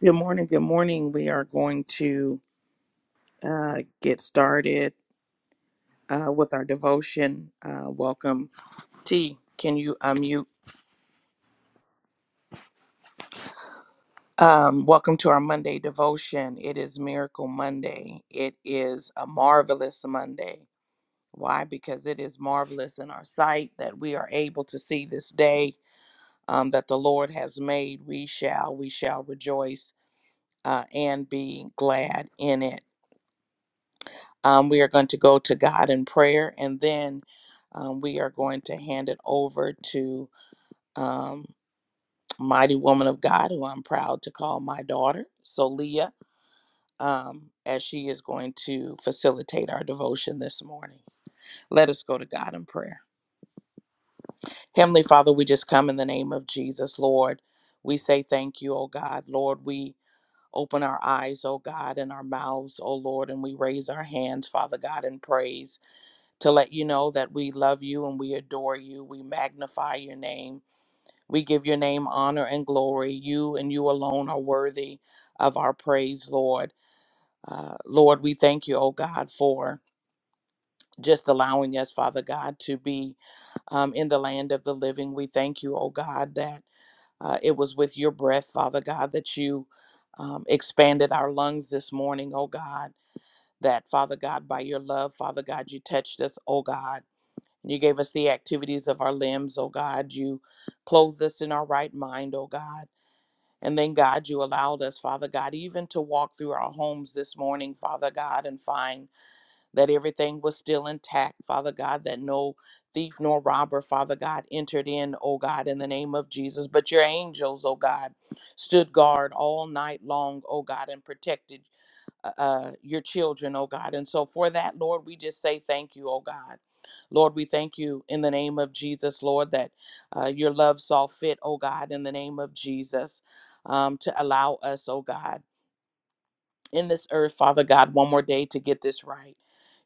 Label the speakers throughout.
Speaker 1: Good morning. Good morning. We are going to uh, get started uh, with our devotion. Uh, welcome, T. Can you unmute? Um, welcome to our Monday devotion. It is Miracle Monday. It is a marvelous Monday. Why? Because it is marvelous in our sight that we are able to see this day um, that the Lord has made. We shall, we shall rejoice uh, and be glad in it. Um, we are going to go to God in prayer, and then um, we are going to hand it over to um, Mighty Woman of God, who I'm proud to call my daughter, Solia, um, as she is going to facilitate our devotion this morning. Let us go to God in prayer. Heavenly Father, we just come in the name of Jesus, Lord. We say thank you, O God. Lord, we open our eyes, O God, and our mouths, O Lord, and we raise our hands, Father God, in praise. to let you know that we love you and we adore you. We magnify your name. We give your name honor and glory. You and you alone are worthy of our praise, Lord. Uh, Lord, we thank you, oh God, for just allowing us, Father God, to be um, in the land of the living. We thank you, oh God, that uh, it was with your breath, Father God, that you um, expanded our lungs this morning, oh God. That, Father God, by your love, Father God, you touched us, oh God you gave us the activities of our limbs, oh God. You clothed us in our right mind, oh God. And then, God, you allowed us, Father God, even to walk through our homes this morning, Father God, and find that everything was still intact, Father God, that no thief nor robber, Father God, entered in, oh God, in the name of Jesus. But your angels, oh God, stood guard all night long, oh God, and protected uh, uh, your children, oh God. And so for that, Lord, we just say thank you, oh God. Lord, we thank you in the name of Jesus, Lord, that uh, your love saw fit, oh God, in the name of Jesus, um, to allow us, oh God in this earth, Father God, one more day to get this right.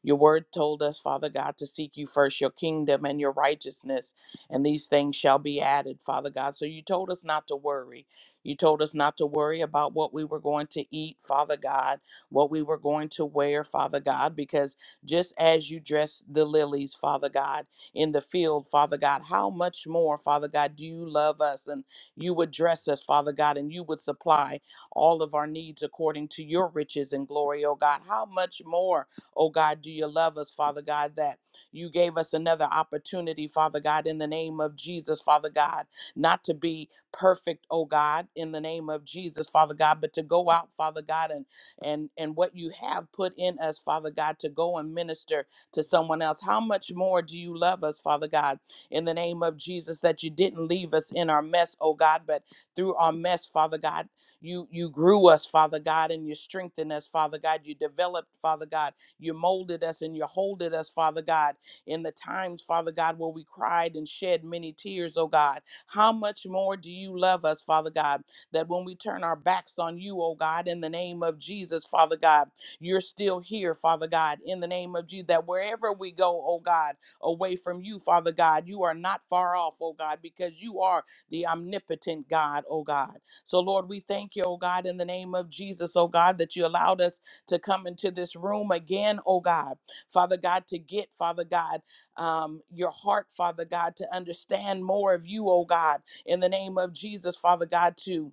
Speaker 1: Your word told us, Father God, to seek you first, your kingdom and your righteousness, and these things shall be added, Father God. So you told us not to worry. You told us not to worry about what we were going to eat, Father God, what we were going to wear, Father God, because just as you dress the lilies, Father God, in the field, Father God, how much more, Father God, do you love us and you would dress us, Father God, and you would supply all of our needs according to your riches and glory, oh God. How much more, oh God, do you love us, Father God, that you gave us another opportunity, Father God, in the name of Jesus, Father God, not to be perfect, oh God, in the name of Jesus, Father God, but to go out, Father God, and and and what you have put in us, Father God, to go and minister to someone else. How much more do you love us, Father God, in the name of Jesus, that you didn't leave us in our mess, oh God, but through our mess, Father God. You you grew us, Father God, and you strengthened us, Father God. You developed, Father God. You molded us and you holded us, Father God, in the times, Father God, where we cried and shed many tears, oh God. How much more do you love us, Father God, that when we turn our backs on you, oh God, in the name of Jesus, Father God, you're still here, Father God, in the name of Jesus, that wherever we go, oh God, away from you, Father God, you are not far off, oh God, because you are the omnipotent God, oh God. So, Lord, we thank you, oh God, in the name of Jesus, oh God, that you allowed us to come into this room again, oh God. Father God, to get, Father God, um, your heart, Father God, to understand more of you, oh God, in the name of Jesus, Father God, to.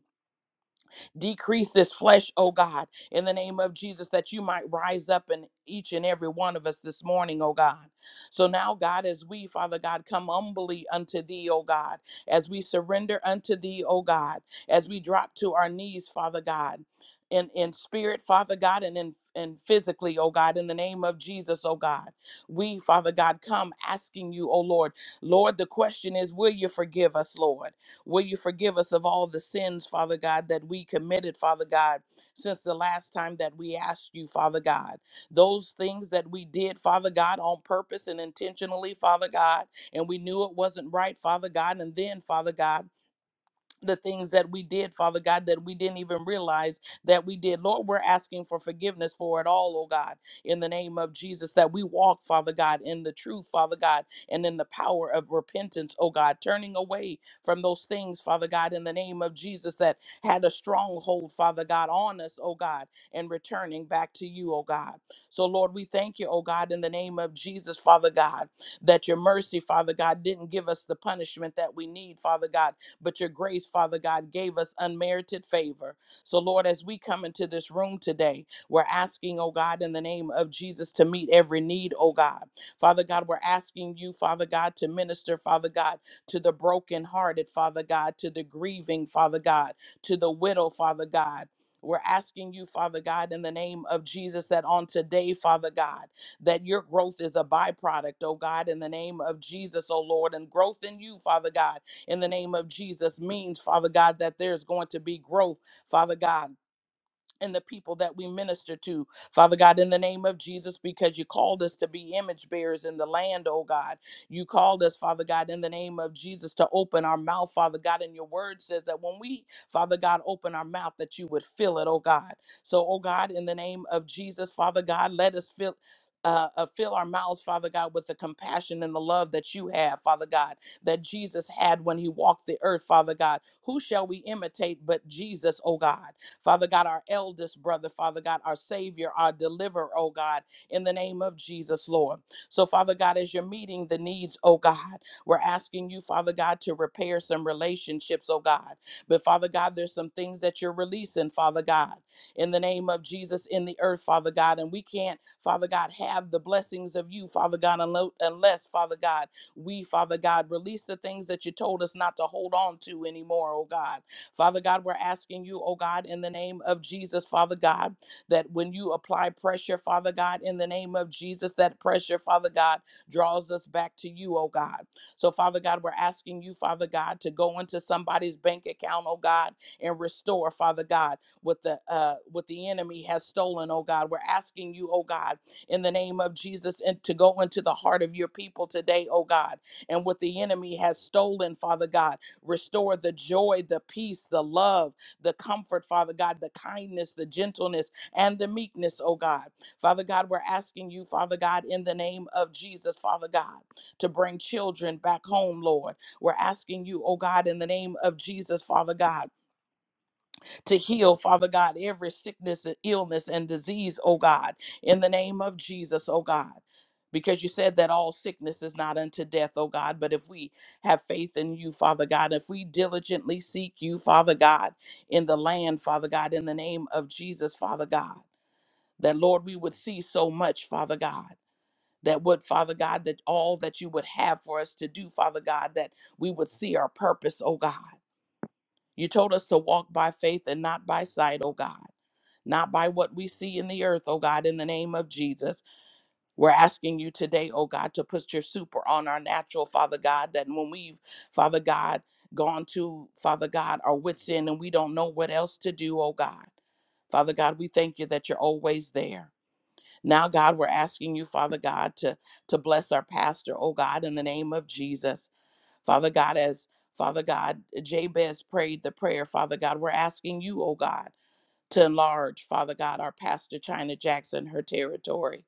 Speaker 1: Decrease this flesh, oh God, in the name of Jesus, that you might rise up in each and every one of us this morning, oh God. So now, God, as we, Father God, come humbly unto thee, oh God, as we surrender unto thee, oh God, as we drop to our knees, Father God. In, in spirit, Father God, and in and physically, oh God, in the name of Jesus, oh God. We, Father God, come asking you, oh Lord. Lord, the question is, will you forgive us, Lord? Will you forgive us of all the sins, Father God, that we committed, Father God, since the last time that we asked you, Father God? Those things that we did, Father God, on purpose and intentionally, Father God, and we knew it wasn't right, Father God. And then, Father God, the things that we did, Father God, that we didn't even realize that we did. Lord, we're asking for forgiveness for it all, oh God, in the name of Jesus, that we walk, Father God, in the truth, Father God, and in the power of repentance, oh God, turning away from those things, Father God, in the name of Jesus, that had a stronghold, Father God, on us, oh God, and returning back to you, oh God. So, Lord, we thank you, oh God, in the name of Jesus, Father God, that your mercy, Father God, didn't give us the punishment that we need, Father God but your grace, Father God, gave us unmerited favor. So, Lord, as we come into this room today, we're asking, oh God, in the name of Jesus to meet every need, oh God. Father God, we're asking you, Father God, to minister, Father God, to the brokenhearted, Father God, to the grieving, Father God, to the widow, Father God. We're asking you, Father God, in the name of Jesus, that on today, Father God, that your growth is a byproduct, oh God, in the name of Jesus, oh Lord, and growth in you, Father God in the name of Jesus means, Father God, that there's going to be growth, Father God and the people that we minister to, Father God, in the name of Jesus, because you called us to be image bearers in the land, oh God. You called us, Father God, in the name of Jesus, to open our mouth, Father God. And your word says that when we, Father God, open our mouth, that you would fill it, oh God. So, oh God, in the name of Jesus, Father God, let us fill. Uh, uh, fill our mouths, Father God, with the compassion and the love that you have, Father God, that Jesus had when he walked the earth, Father God. Who shall we imitate but Jesus, oh God? Father God, our eldest brother, Father God, our Savior, our deliverer, oh God, in the name of Jesus, Lord. So, Father God, as you're meeting the needs, oh God, we're asking you, Father God, to repair some relationships, oh God. But, Father God, there's some things that you're releasing, Father God, in the name of Jesus in the earth, Father God. And we can't, Father God, have the blessings of you, Father God, unless, Father God, we, Father God, release the things that you told us not to hold on to anymore, oh God. Father God, we're asking you, oh God, in the name of Jesus, Father God, that when you apply pressure, Father God, in the name of Jesus, that pressure, Father God, draws us back to you, oh God. So, Father God, we're asking you, Father God, to go into somebody's bank account, oh God, and restore, Father God, what the uh what the enemy has stolen, oh God. We're asking you, oh God, in the name of Jesus, and to go into the heart of your people today, oh God, and what the enemy has stolen, Father God. Restore the joy, the peace, the love, the comfort, Father God, the kindness, the gentleness, and the meekness, oh God. Father God, we're asking you, Father God, in the name of Jesus, Father God, to bring children back home, Lord. We're asking you, oh God, in the name of Jesus, Father God to heal, Father God, every sickness and illness and disease, oh God, in the name of Jesus, oh God. Because you said that all sickness is not unto death, oh God. But if we have faith in you, Father God, if we diligently seek you, Father God, in the land, Father God, in the name of Jesus, Father God, that Lord, we would see so much, Father God. That would, Father God, that all that you would have for us to do, Father God, that we would see our purpose, oh God. You told us to walk by faith and not by sight, oh God not by what we see in the earth, oh God, in the name of Jesus. We're asking you today, oh God, to put your super on our natural, Father God, that when we've, Father God, gone to, Father God, our wits end and we don't know what else to do, oh God. Father God, we thank you that you're always there. Now, God, we're asking you, Father God, to, to bless our pastor, oh God, in the name of Jesus. Father God, as Father God, Jabez prayed the prayer, Father God, we're asking you, oh God to enlarge, Father God, our pastor, China Jackson, her territory.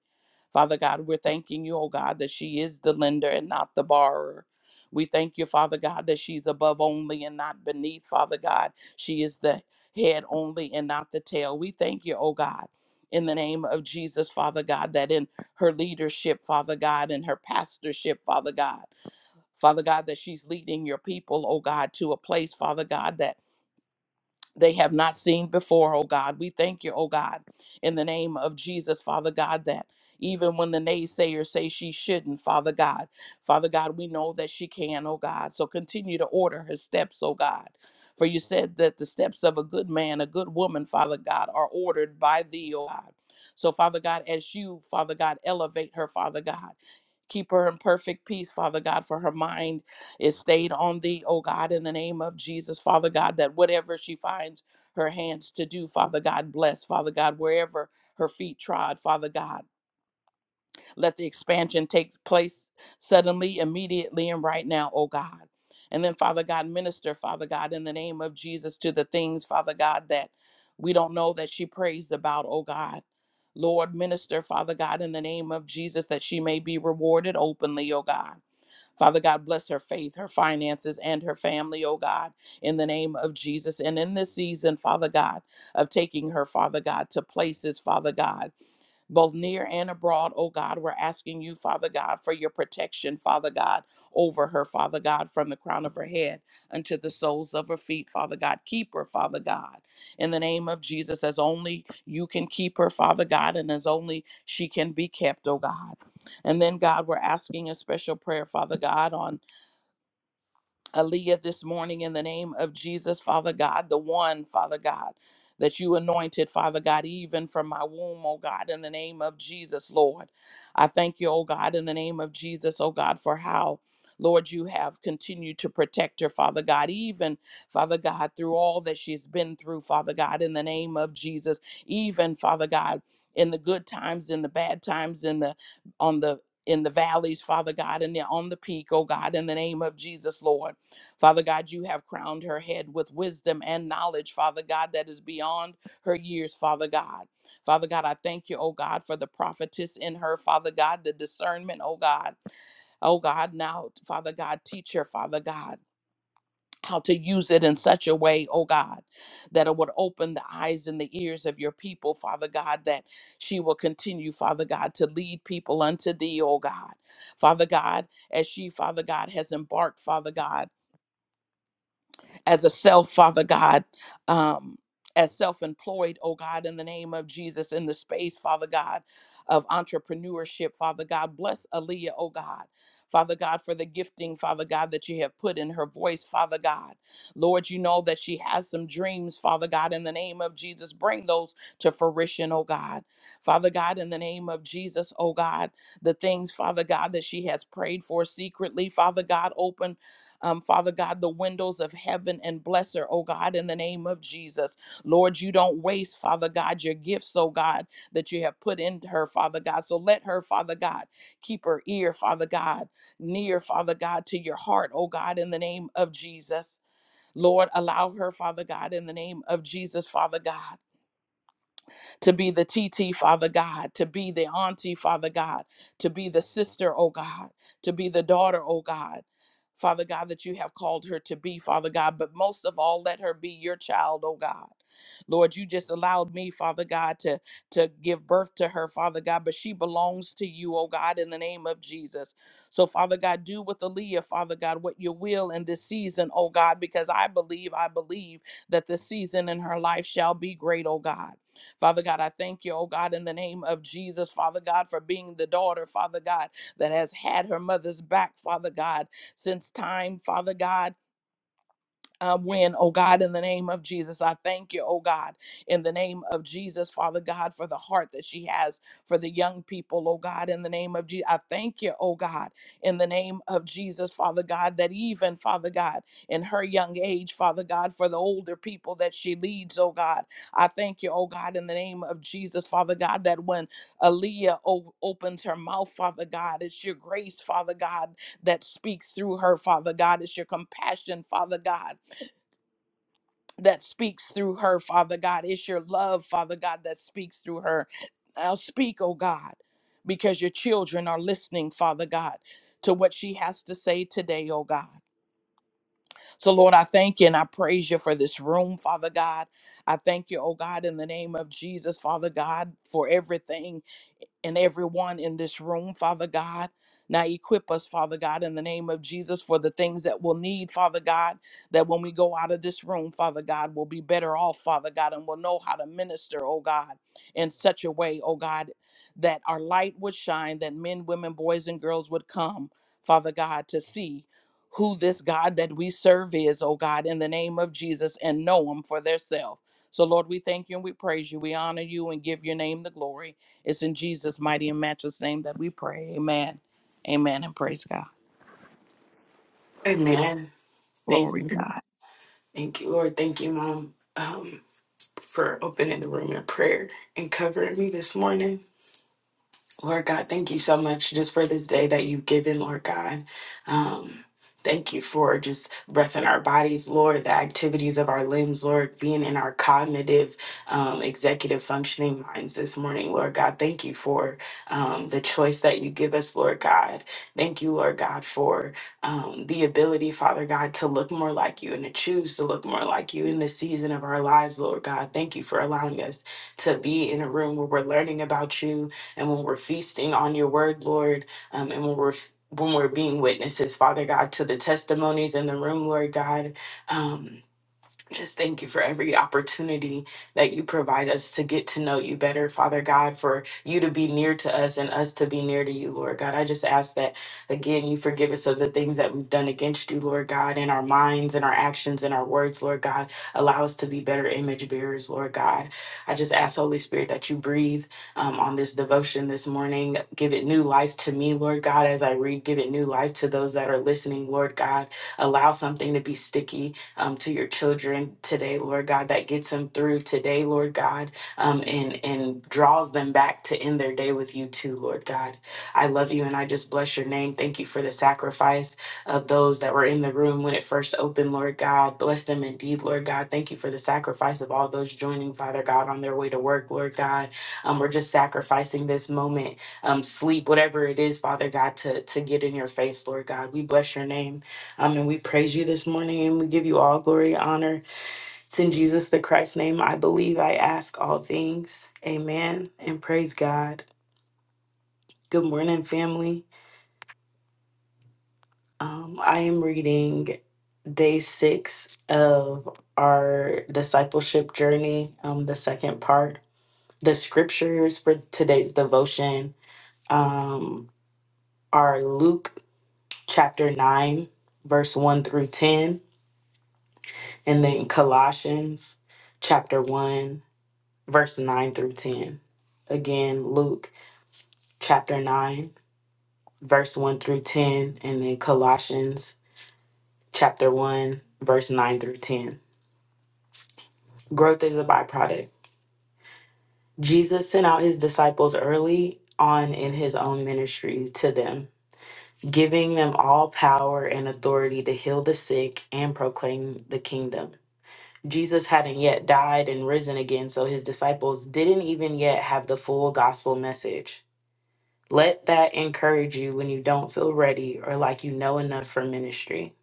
Speaker 1: Father God, we're thanking you, oh God, that she is the lender and not the borrower. We thank you, Father God, that she's above only and not beneath, Father God. She is the head only and not the tail. We thank you, oh God. In the name of Jesus, Father God, that in her leadership, Father God, in her pastorship, Father God, Father God, that she's leading your people, oh God, to a place, Father God, that they have not seen before, oh God. We thank you, oh God, in the name of Jesus, Father God, that even when the naysayers say she shouldn't, Father God, Father God, we know that she can, oh God. So continue to order her steps, oh God. For you said that the steps of a good man, a good woman, Father God, are ordered by thee, oh God. So, Father God, as you, Father God, elevate her, Father God, keep her in perfect peace, Father God, for her mind it stayed on thee, O God, in the name of Jesus, Father God, that whatever she finds her hands to do, Father God, bless, Father God, wherever her feet trod, Father God. Let the expansion take place suddenly, immediately, and right now, O God. And then, Father God, minister, Father God, in the name of Jesus, to the things, Father God, that we don't know that she prays about, O God. Lord, minister, Father God, in the name of Jesus, that she may be rewarded openly, O God. Father God, bless her faith, her finances, and her family, oh God, in the name of Jesus. And in this season, Father God, of taking her, Father God, to places, Father God both near and abroad, oh God. We're asking you, Father God, for your protection, Father God, over her, Father God, from the crown of her head unto the soles of her feet, Father God. Keep her, Father God, in the name of Jesus, as only you can keep her, Father God, and as only she can be kept, oh God. And then, God, we're asking a special prayer, Father God, on Aaliyah this morning in the name of Jesus, Father God, the one, Father God, that you anointed, Father God, even from my womb, oh God, in the name of Jesus, Lord. I thank you, oh God, in the name of Jesus, oh God, for how. Lord, you have continued to protect her, Father God, even, Father God, through all that she's been through, Father God, in the name of Jesus, even, Father God, in the good times, in the bad times, in the, on the, in the valleys, Father God, and the, on the peak, oh God, in the name of Jesus, Lord. Father God, you have crowned her head with wisdom and knowledge, Father God, that is beyond her years, Father God. Father God, I thank you, oh God, for the prophetess in her, Father God, the discernment, oh God. Oh God, now, Father God, teach her, Father God. How to use it in such a way, oh God, that it would open the eyes and the ears of your people, Father God, that she will continue, Father God, to lead people unto thee, oh God. Father God, as she, Father God, has embarked, Father God as a self, Father God, um, as self employed, oh God, in the name of Jesus, in the space, Father God, of entrepreneurship, Father God. Bless Aaliyah, oh God, Father God, for the gifting, Father God, that you have put in her voice, Father God. Lord, you know that she has some dreams, Father God, in the name of Jesus. Bring those to fruition, oh God. Father God, in the name of Jesus, oh God, the things, Father God, that she has prayed for secretly, Father God, open um, Father God, the windows of heaven and bless her, oh God, in the name of Jesus. Lord, you don't waste, Father God, your gifts, oh God, that you have put in her, Father God. So let her, Father God, keep her ear, Father God, near, Father God, to your heart, oh God, in the name of Jesus. Lord, allow her, Father God, in the name of Jesus, Father God to be the T T Father God, to be the auntie, Father God, to be the sister, oh God, to be the daughter, oh God. Father God, that you have called her to be, Father God, but most of all, let her be your child, oh God. Lord, you just allowed me, Father God, to, to give birth to her, Father God, but she belongs to you, oh God, in the name of Jesus. So, Father God, do with Aaliyah, Father God, what you will in this season, oh God, because I believe, I believe that this season in her life shall be great, oh God. Father God, I thank you, oh God, in the name of Jesus, Father God, for being the daughter, Father God, that has had her mother's back, Father God, since time, Father God uh, win, oh God, in the name of Jesus. I thank you, oh God, in the name of Jesus, Father God, for the heart that she has for the young people, oh God, in the name of Jesus. I thank you, oh God, in the name of Jesus, Father God, that even, Father God, in her young age, Father God, for the older people that she leads, oh God, I thank you, oh God, in the name of Jesus, Father God, that when Aaliyah o- opens her mouth, Father God, it's your grace, Father God, that speaks through her, Father God. It's your compassion, Father God that speaks through her, Father God. It's your love, Father God, that speaks through her. Now speak, oh God, because your children are listening, Father God, to what she has to say today, oh God. So, Lord, I thank you and I praise you for this room, Father God. I thank you, oh God, in the name of Jesus, Father God, for everything and everyone in this room, Father God. Now equip us, Father God, in the name of Jesus for the things that we'll need, Father God, that when we go out of this room, Father God, we'll be better off, Father God, and we'll know how to minister, oh God, in such a way, oh God, that our light would shine, that men, women, boys, and girls would come, Father God, to see who this God that we serve is, oh God, in the name of Jesus, and know him for theirself. So, Lord, we thank you and we praise you. We honor you and give your name the glory. It's in Jesus' mighty and matchless name that we pray. Amen. Amen. And praise God.
Speaker 2: Amen. Thank
Speaker 1: Glory to
Speaker 2: you.
Speaker 1: God.
Speaker 2: Thank you, Lord. Thank you, Mom, um, for opening the room in prayer and covering me this morning. Lord God, thank you so much just for this day that you've given, Lord God. Um, thank you for just breath in our bodies, Lord, the activities of our limbs, Lord, being in our cognitive, um, executive functioning minds this morning, Lord God. Thank you for um, the choice that you give us, Lord God. Thank you, Lord God, for um, the ability, Father God, to look more like you and to choose to look more like you in this season of our lives, Lord God. Thank you for allowing us to be in a room where we're learning about you and when we're feasting on your word, Lord, um, and when we're when we're being witnesses, Father God, to the testimonies in the room, Lord God. Um, just thank you for every opportunity that you provide us to get to know you better, Father God, for you to be near to us and us to be near to you, Lord God. I just ask that, again, you forgive us of the things that we've done against you, Lord God, in our minds and our actions and our words, Lord God. Allow us to be better image bearers, Lord God. I just ask, Holy Spirit, that you breathe um, on this devotion this morning. Give it new life to me, Lord God, as I read. Give it new life to those that are listening, Lord God. Allow something to be sticky um, to your children today, Lord God, that gets them through today, Lord God, um, and, and draws them back to end their day with you too, Lord God. I love you and I just bless your name. Thank you for the sacrifice of those that were in the room when it first opened, Lord God. Bless them indeed, Lord God. Thank you for the sacrifice of all those joining, Father God, on their way to work, Lord God. Um, we're just sacrificing this moment, um, sleep, whatever it is, Father God, to, to get in your face, Lord God. We bless your name. Um, and we praise you this morning and we give you all glory, honor. It's in Jesus the Christ's name. I believe I ask all things. Amen. And praise God. Good morning, family. Um, I am reading day six of our discipleship journey, um, the second part. The scriptures for today's devotion um, are Luke chapter 9, verse 1 through 10, and then Colossians chapter 1 verse 9 through 10. Again, Luke chapter 9, verse 1 through 10, and then Colossians chapter 1, verse 9 through 10. Growth is a byproduct. Jesus sent out his disciples early on in his own ministry to them, giving them all power and authority to heal the sick and proclaim the kingdom. Jesus hadn't yet died and risen again, so his disciples didn't even yet have the full gospel message Let that encourage you when you don't feel ready or like you know enough for ministry.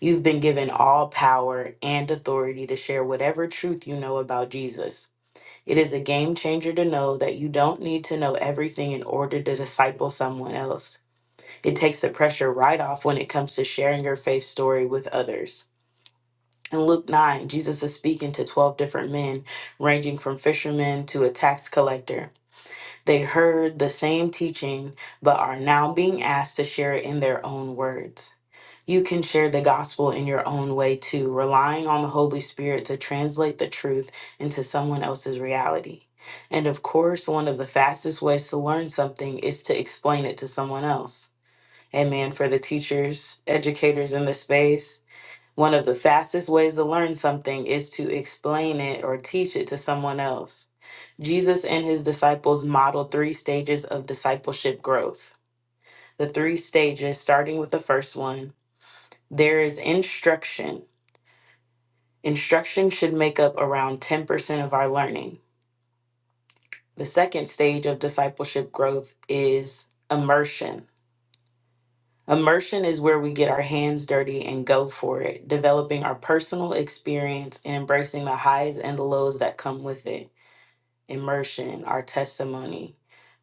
Speaker 2: You've been given all power and authority to share whatever truth you know about Jesus. It is a game changer to know that you don't need to know everything in order to disciple someone else. It takes the pressure right off when it comes to sharing your faith story with others. In Luke 9, Jesus is speaking to 12 different men, ranging from fishermen to a tax collector. They heard the same teaching, but are now being asked to share it in their own words. You can share the gospel in your own way too, relying on the Holy Spirit to translate the truth into someone else's reality. And of course, one of the fastest ways to learn something is to explain it to someone else. Amen. For the teachers, educators in the space, one of the fastest ways to learn something is to explain it or teach it to someone else. Jesus and his disciples modeled three stages of discipleship growth. The three stages, starting with the first one, there is instruction. Instruction should make up around 10% of our learning. The second stage of discipleship growth is immersion. Immersion is where we get our hands dirty and go for it, developing our personal experience and embracing the highs and the lows that come with it. immersion, our testimony,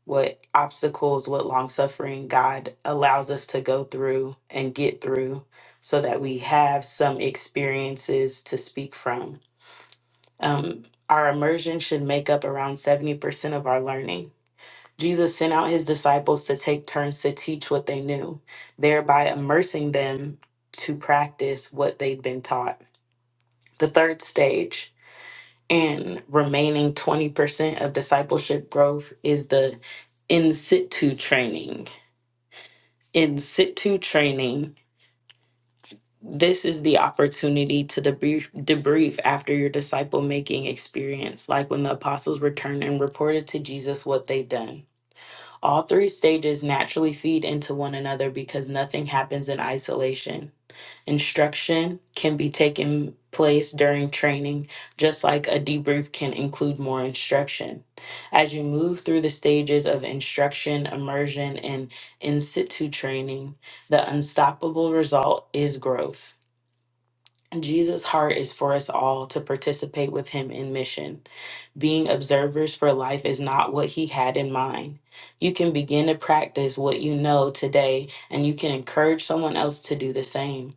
Speaker 2: what obstacles, what long suffering God allows us to go through and get through so that we have some experiences to speak from. Um, our immersion should make up around 70% of our learning. Jesus sent out his disciples to take turns to teach what they knew, thereby immersing them to practice what they'd been taught. The third stage and remaining 20% of discipleship growth is the in situ training. In situ training, this is the opportunity to debrief, debrief after your disciple making experience, like when the apostles returned and reported to Jesus what they've done. All three stages naturally feed into one another because nothing happens in isolation. Instruction can be taking place during training, just like a debrief can include more instruction. As you move through the stages of instruction, immersion, and in situ training, the unstoppable result is growth. Jesus' heart is for us all to participate with him in mission. Being observers for life is not what he had in mind. You can begin to practice what you know today, and you can encourage someone else to do the same.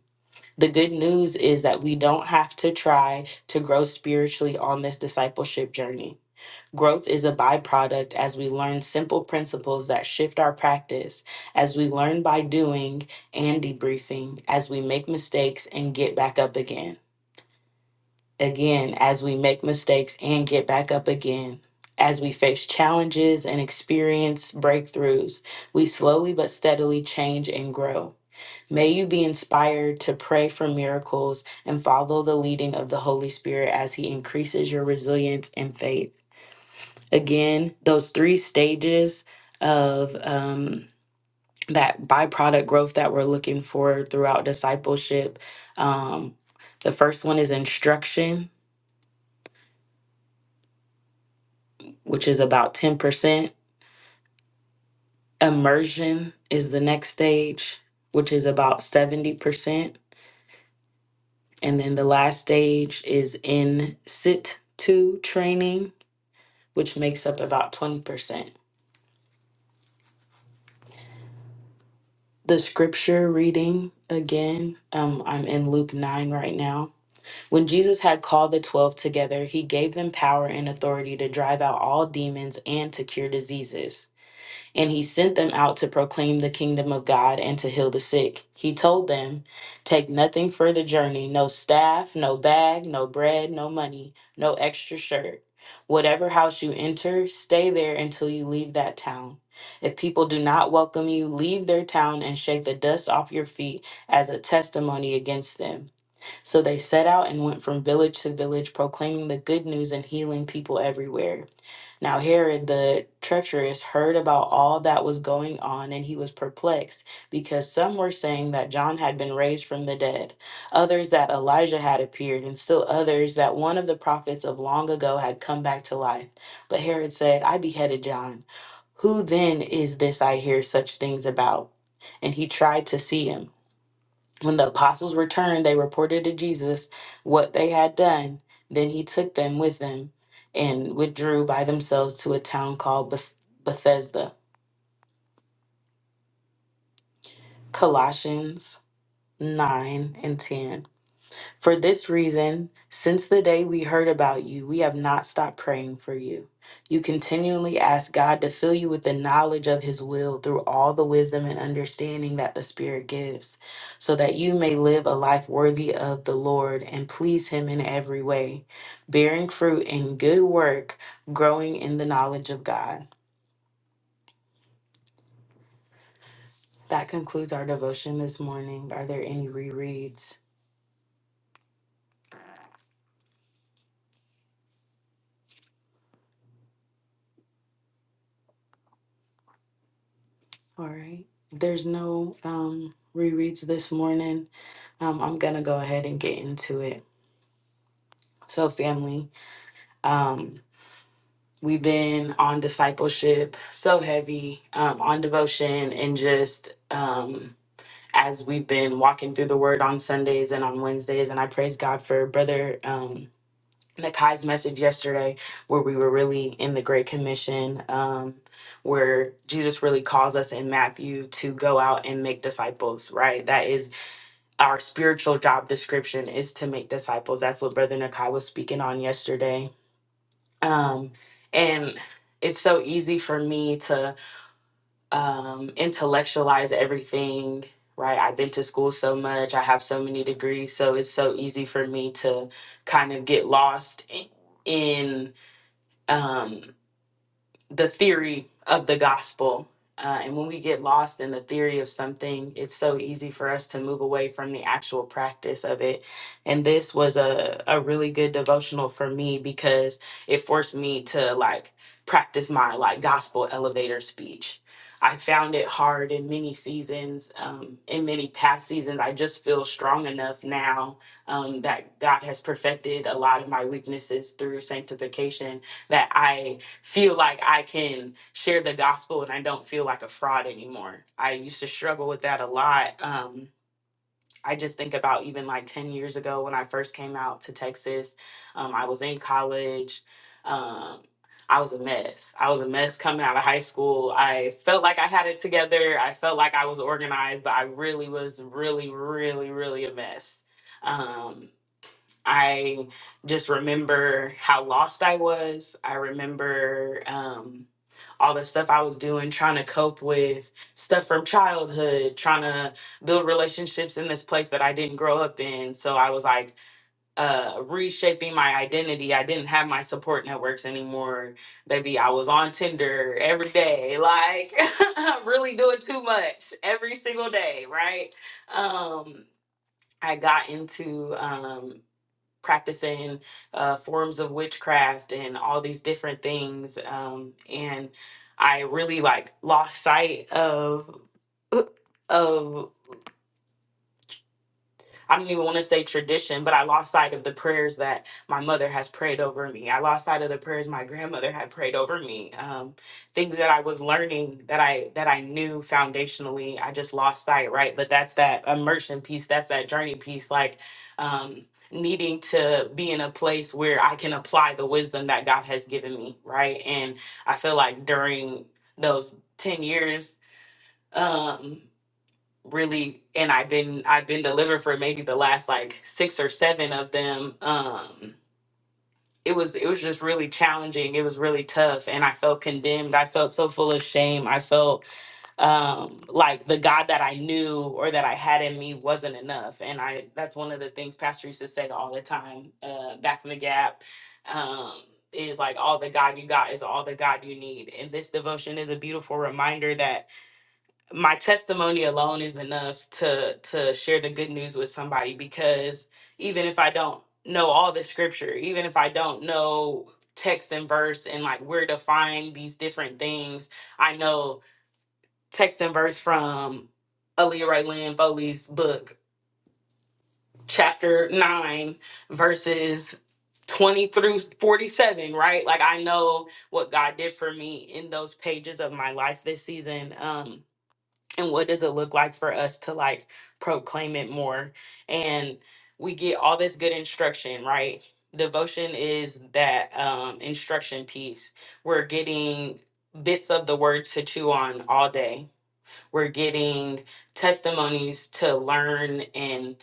Speaker 2: The good news is that we don't have to try to grow spiritually on this discipleship journey. Growth is a byproduct as we learn simple principles that shift our practice, as we learn by doing and debriefing, as we make mistakes and get back up again. Again, as we make mistakes and get back up again. As we face challenges and experience breakthroughs, we slowly but steadily change and grow. May you be inspired to pray for miracles and follow the leading of the Holy Spirit as He increases your resilience and faith. Again, those three stages of um, that byproduct growth that we're looking for throughout discipleship. Um, the first one is instruction, which is about 10%. Immersion is the next stage, which is about 70%. And then the last stage is in sit to training which makes up about 20%. The scripture reading again, um, I'm in Luke 9 right now. When Jesus had called the 12 together, he gave them power and authority to drive out all demons and to cure diseases. And he sent them out to proclaim the kingdom of God and to heal the sick. He told them, Take nothing for the journey no staff, no bag, no bread, no money, no extra shirt. Whatever house you enter, stay there until you leave that town. If people do not welcome you, leave their town and shake the dust off your feet as a testimony against them. So they set out and went from village to village, proclaiming the good news and healing people everywhere. Now Herod the treacherous heard about all that was going on, and he was perplexed, because some were saying that John had been raised from the dead, others that Elijah had appeared, and still others that one of the prophets of long ago had come back to life. But Herod said, I beheaded John. Who then is this I hear such things about? And he tried to see him. When the apostles returned, they reported to Jesus what they had done. Then he took them with him and withdrew by themselves to a town called Beth- Bethesda. Colossians 9 and 10. For this reason, since the day we heard about you, we have not stopped praying for you. You continually ask God to fill you with the knowledge of His will through all the wisdom and understanding that the Spirit gives, so that you may live a life worthy of the Lord and please Him in every way, bearing fruit in good work, growing in the knowledge of God. That concludes our devotion this morning. Are there any rereads? All right. There's no um, rereads this morning. Um, I'm gonna go ahead and get into it. So, family, um, we've been on discipleship so heavy, um, on devotion, and just um, as we've been walking through the Word on Sundays and on Wednesdays, and I praise God for Brother um, Nakai's message yesterday, where we were really in the Great Commission. Um, where Jesus really calls us in Matthew to go out and make disciples, right? That is our spiritual job description is to make disciples. That's what Brother Nakai was speaking on yesterday. Um, and it's so easy for me to um, intellectualize everything, right? I've been to school so much, I have so many degrees. So it's so easy for me to kind of get lost i- in. um, the theory of the gospel. Uh, and when we get lost in the theory of something, it's so easy for us to move away from the actual practice of it. And this was a, a really good devotional for me because it forced me to like practice my like gospel elevator speech. I found it hard in many seasons, um, in many past seasons. I just feel strong enough now um, that God has perfected a lot of my weaknesses through sanctification that I feel like I can share the gospel and I don't feel like a fraud anymore. I used to struggle with that a lot. Um, I just think about even like 10 years ago when I first came out to Texas, um, I was in college. Um, I was a mess. I was a mess coming out of high school. I felt like I had it together. I felt like I was organized, but I really was really, really, really a mess. Um, I just remember how lost I was. I remember. Um, all the stuff I was doing, trying to cope with stuff from childhood, trying to build relationships in this place that I didn't grow up in. So I was like uh, reshaping my identity. I didn't have my support networks anymore. Baby, I was on Tinder every day, like really doing too much every single day, right? Um, I got into um, practicing uh, forms of witchcraft and all these different things. Um, and I really like lost sight of of I don't even want to say tradition, but I lost sight of the prayers that my mother has prayed over me. I lost sight of the prayers my grandmother had prayed over me. Um, things that I was learning that I that I knew foundationally, I just lost sight, right? But that's that immersion piece. That's that journey piece. Like um, needing to be in a place where I can apply the wisdom that God has given me, right? And I feel like during those ten years. Um, really and I've been I've been delivered for maybe the last like six or seven of them. Um it was it was just really challenging. It was really tough and I felt condemned. I felt so full of shame. I felt um like the God that I knew or that I had in me wasn't enough. And I that's one of the things Pastor used to say all the time, uh back in the gap. Um is like all the God you got is all the God you need. And this devotion is a beautiful reminder that my testimony alone is enough to to share the good news with somebody because even if I don't know all the scripture, even if I don't know text and verse and like where to find these different things, I know text and verse from Ray Lynn Foley's book, chapter nine, verses 20 through 47, right? Like I know what God did for me in those pages of my life this season. Um and what does it look like for us to like proclaim it more and we get all this good instruction right devotion is that um, instruction piece we're getting bits of the word to chew on all day we're getting testimonies to learn and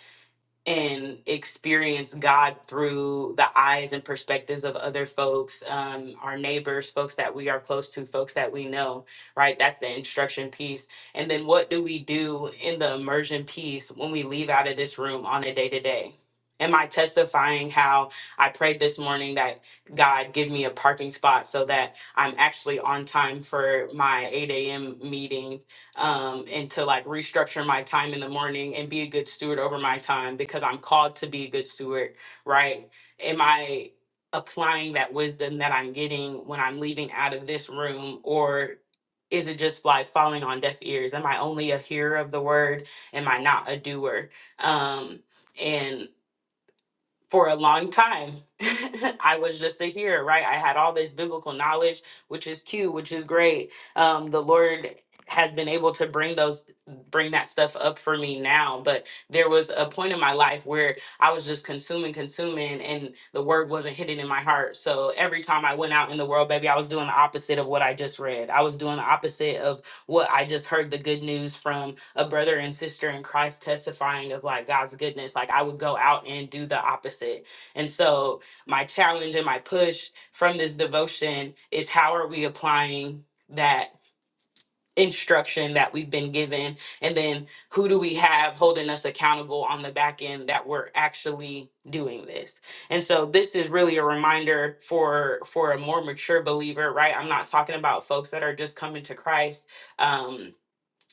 Speaker 2: and experience God through the eyes and perspectives of other folks, um, our neighbors, folks that we are close to, folks that we know, right? That's the instruction piece. And then what do we do in the immersion piece when we leave out of this room on a day to day? Am I testifying how I prayed this morning that God give me a parking spot so that I'm actually on time for my 8 a.m. meeting um, and to like restructure my time in the morning and be a good steward over my time because I'm called to be a good steward, right? Am I applying that wisdom that I'm getting when I'm leaving out of this room or is it just like falling on deaf ears? Am I only a hearer of the word? Am I not a doer? Um, and for a long time. I was just a hearer, right? I had all this biblical knowledge, which is cute, which is great. Um, the Lord has been able to bring those bring that stuff up for me now but there was a point in my life where i was just consuming consuming and the word wasn't hidden in my heart so every time i went out in the world baby i was doing the opposite of what i just read i was doing the opposite of what i just heard the good news from a brother and sister in Christ testifying of like God's goodness, like I would go out and do the opposite. And so, my challenge and my push from this devotion is how are we applying that instruction that we've been given? And then, who do we have holding us accountable on the back end that we're actually doing this? And so, this is really a reminder for for a more mature believer, right? I'm not talking about folks that are just coming to Christ. Um,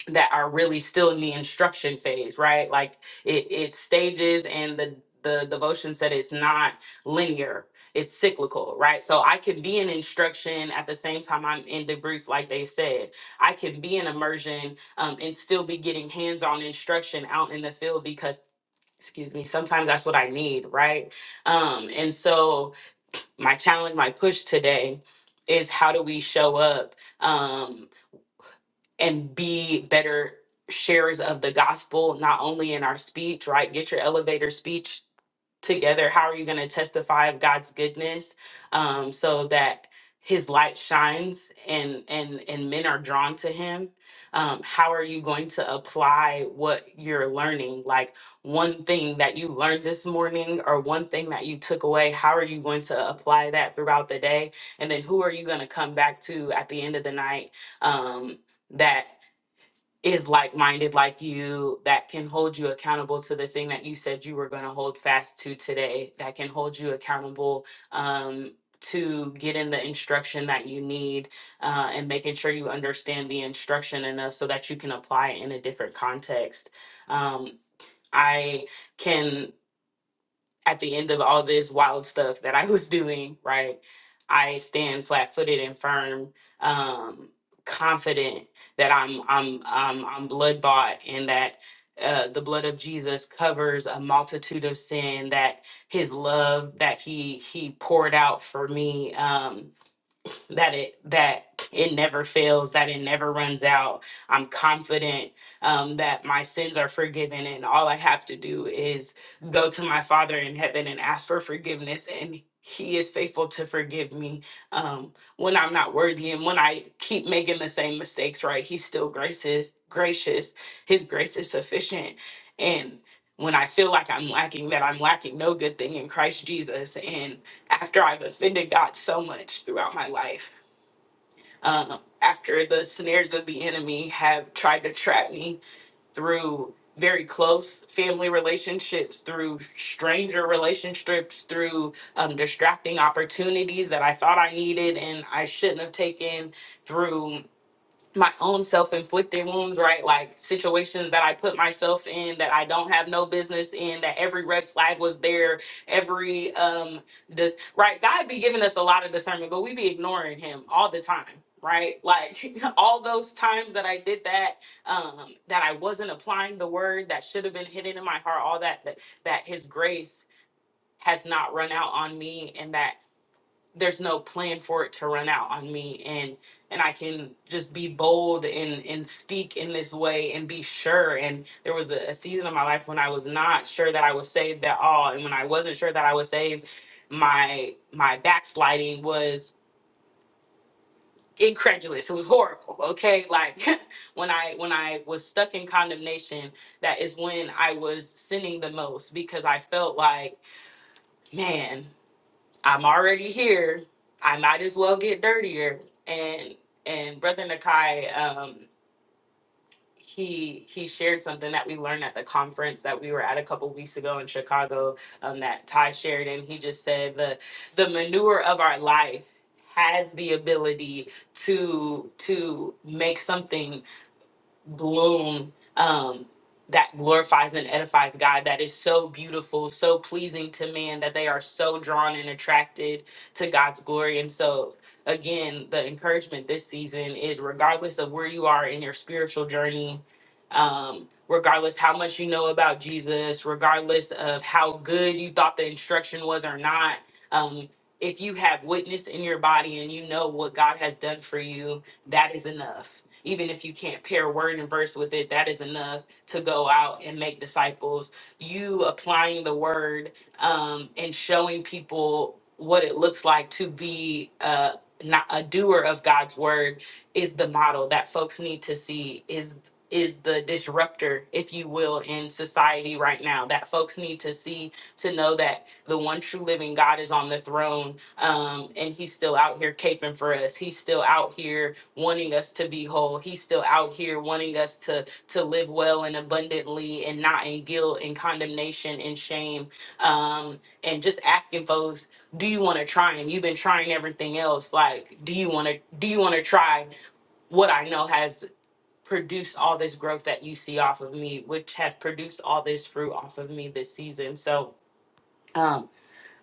Speaker 2: that are really still in the instruction phase, right? Like it, it stages and the the devotion said it's not linear, it's cyclical, right? So I can be in instruction at the same time I'm in debrief, like they said. I can be in immersion um, and still be getting hands-on instruction out in the field because excuse me sometimes that's what i need right um and so my challenge my push today is how do we show up Um, and be better sharers of the gospel, not only in our speech, right? Get your elevator speech together. How are you going to testify of God's goodness um, so that his light shines and and and men are drawn to him um how are you going to apply what you're learning like one thing that you learned this morning or one thing that you took away how are you going to apply that throughout the day and then who are you going to come back to at the end of the night um that is like minded like you, that can hold you accountable to the thing that you said you were going to hold fast to today, that can hold you accountable um, to getting the instruction that you need uh, and making sure you understand the instruction enough so that you can apply it in a different context. Um, I can at the end of all this wild stuff that I was doing, right, I stand flat footed and firm, um, confident that I'm I'm I'm I'm blood bought and that uh, the blood of Jesus covers a multitude of sin. That His love that He He poured out for me. Um, that it that it never fails, that it never runs out. I'm confident um, that my sins are forgiven, and all I have to do is go to my Father in heaven and ask for forgiveness, and He is faithful to forgive me um, when I'm not worthy, and when I keep making the same mistakes. Right, He's still gracious. Gracious, His grace is sufficient, and when I feel like I'm lacking, that I'm lacking no good thing in Christ Jesus, and after I've offended God so much throughout my life, um, after the snares of the enemy have tried to trap me through very close family relationships, through stranger relationships, through um, distracting opportunities that I thought I needed and I shouldn't have taken, through my own self-inflicted wounds right like situations that i put myself in that i don't have no business in that every red flag was there every um dis- right god be giving us a lot of discernment but we be ignoring him all the time right like all those times that i did that um that i wasn't applying the word that should have been hidden in my heart all that that, that his grace has not run out on me and that there's no plan for it to run out on me and and I can just be bold and and speak in this way and be sure and there was a, a season of my life when I was not sure that I was saved at all and when I wasn't sure that I was saved my my backsliding was incredulous it was horrible okay like when I when I was stuck in condemnation that is when I was sinning the most because I felt like man I'm already here. I might as well get dirtier. And and brother Nakai, um, he he shared something that we learned at the conference that we were at a couple weeks ago in Chicago. Um, that Ty shared, and he just said the the manure of our life has the ability to to make something bloom um, that glorifies and edifies God, that is so beautiful, so pleasing to man, that they are so drawn and attracted to God's glory. And so, again, the encouragement this season is regardless of where you are in your spiritual journey, um, regardless how much you know about Jesus, regardless of how good you thought the instruction was or not, um, if you have witness in your body and you know what God has done for you, that is enough even if you can't pair word and verse with it, that is enough to go out and make disciples. You applying the word um, and showing people what it looks like to be uh, not a doer of God's word is the model that folks need to see. Is is the disruptor, if you will, in society right now that folks need to see to know that the one true living God is on the throne um, and he's still out here caping for us. He's still out here wanting us to be whole. He's still out here wanting us to to live well and abundantly and not in guilt and condemnation and shame. Um, and just asking folks, do you want to try? And you've been trying everything else. Like, do you want to do you want to try what I know has produced all this growth that you see off of me, which has produced all this fruit off of me this season. So Um,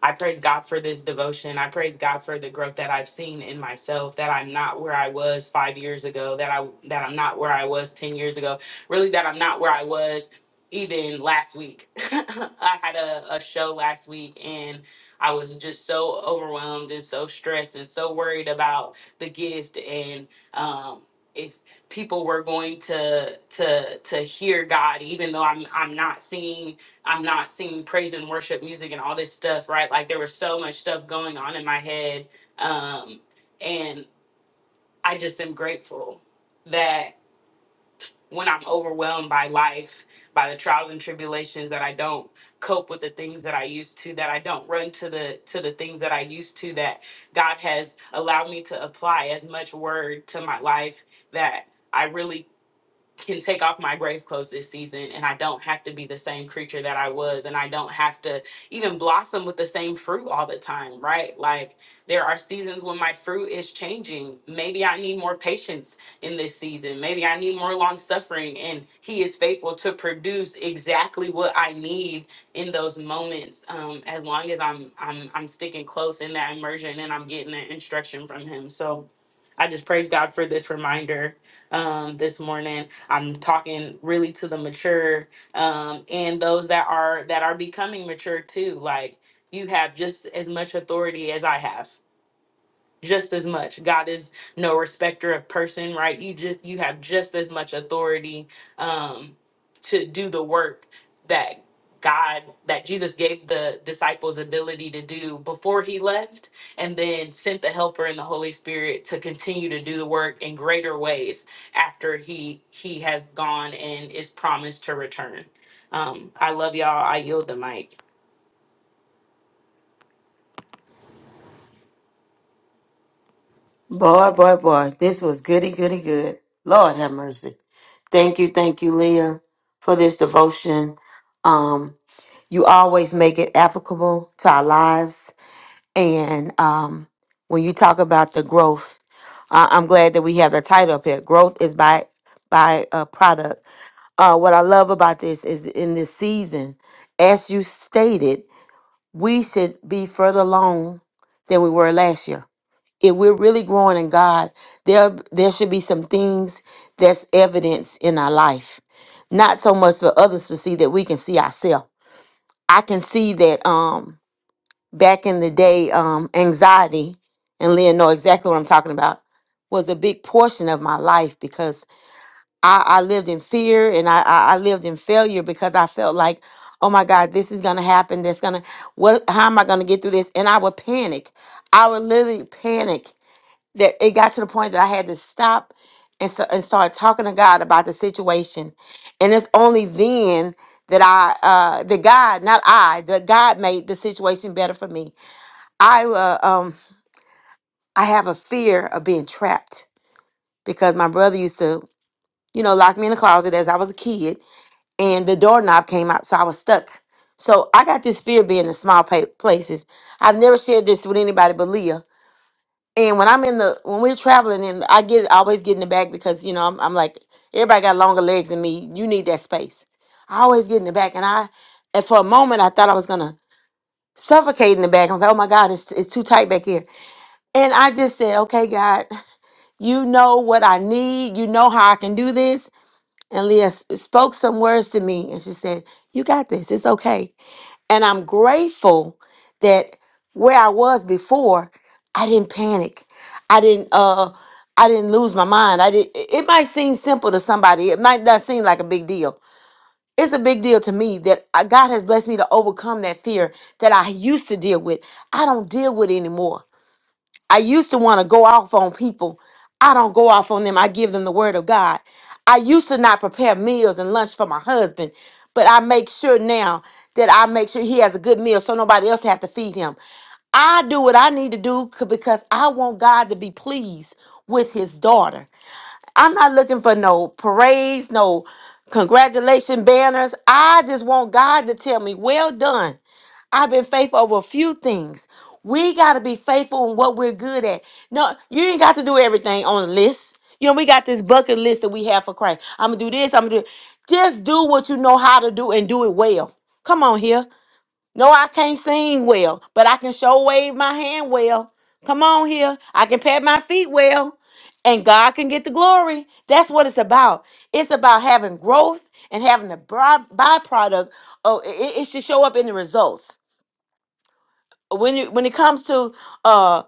Speaker 2: I praise God for this devotion. I praise God for the growth that I've seen in myself, that I'm not where I was five years ago, that I that I'm not where I was ten years ago, really that I'm not where I was even last week. I had a, a show last week and I was just so overwhelmed and so stressed and so worried about the gift and um if people were going to to to hear God even though I'm I'm not seeing I'm not singing praise and worship music and all this stuff, right? Like there was so much stuff going on in my head. Um, and I just am grateful that when I'm overwhelmed by life, by the trials and tribulations, that I don't cope with the things that I used to, that I don't run to the to the things that I used to, that God has allowed me to apply as much word to my life that I really can take off my grave clothes this season and I don't have to be the same creature that I was and I don't have to even blossom with the same fruit all the time, right? Like there are seasons when my fruit is changing. Maybe I need more patience in this season. Maybe I need more long suffering and he is faithful to produce exactly what I need in those moments um as long as I'm I'm I'm sticking close in that immersion and I'm getting that instruction from him. So I just praise God for this reminder um, this morning. I'm talking really to the mature um, and those that are that are becoming mature too. Like you have just as much authority as I have just as much. God is no respecter of person, right? You just you have just as much authority um to do the work that God that Jesus gave the disciples ability to do before he left and then sent the helper and the Holy Spirit to continue to do the work in greater ways after he he has gone and is promised to return. Um I love y'all. I yield the mic.
Speaker 3: Boy, boy, boy, this was goody, goody, good. Lord have mercy. Thank you, thank you, Leah, for this devotion. Um, you always make it applicable to our lives. And um, when you talk about the growth, I- I'm glad that we have the title up here. Growth is by by a product. Uh, what I love about this is in this season, as you stated, we should be further along than we were last year if we're really growing in God, there there should be some things that's evidence in our life. Not so much for others to see that we can see ourselves. I can see that um back in the day, um, anxiety, and Leah know exactly what I'm talking about, was a big portion of my life because I, I lived in fear and I, I I lived in failure because I felt like, oh my God, this is gonna happen, that's gonna what how am I gonna get through this? And I would panic. I would literally panic that it got to the point that I had to stop and so, and start talking to God about the situation. And it's only then that I uh the God, not I, that God made the situation better for me. I uh, um I have a fear of being trapped because my brother used to, you know, lock me in the closet as I was a kid and the doorknob came out so I was stuck. So I got this fear of being in small pa- places. I've never shared this with anybody but Leah And when I'm in the when we're traveling, and I get I always get in the back because you know I'm, I'm like everybody got longer legs than me. You need that space. I always get in the back, and I and for a moment I thought I was gonna suffocate in the back. I was like, oh my God, it's it's too tight back here. And I just said, okay, God, you know what I need. You know how I can do this. And Leah s- spoke some words to me, and she said, "You got this. It's okay." And I'm grateful that where I was before, I didn't panic. I didn't uh I didn't lose my mind. I did it might seem simple to somebody. It might not seem like a big deal. It's a big deal to me that I- God has blessed me to overcome that fear that I used to deal with. I don't deal with it anymore I used to want to go off on people. I don't go off on them. I give them the word of God. I used to not prepare meals and lunch for my husband, but I make sure now that I make sure he has a good meal so nobody else have to feed him. I do what I need to do c- because I want God to be pleased with his daughter. I'm not looking for no parades, no congratulation banners. I just want God to tell me, "Well done." I've been faithful over a few things. We got to be faithful in what we're good at. No, you ain't got to do everything on the list. You know, we got this bucket list that we have for Christ. I'm going to do this. I'm going to do Just do what you know how to do and do it well. Come on here. No, I can't sing well, but I can show wave my hand well. Come on here. I can pat my feet well and God can get the glory. That's what it's about. It's about having growth and having the by- byproduct. Oh, it, it should show up in the results when you when it comes to uh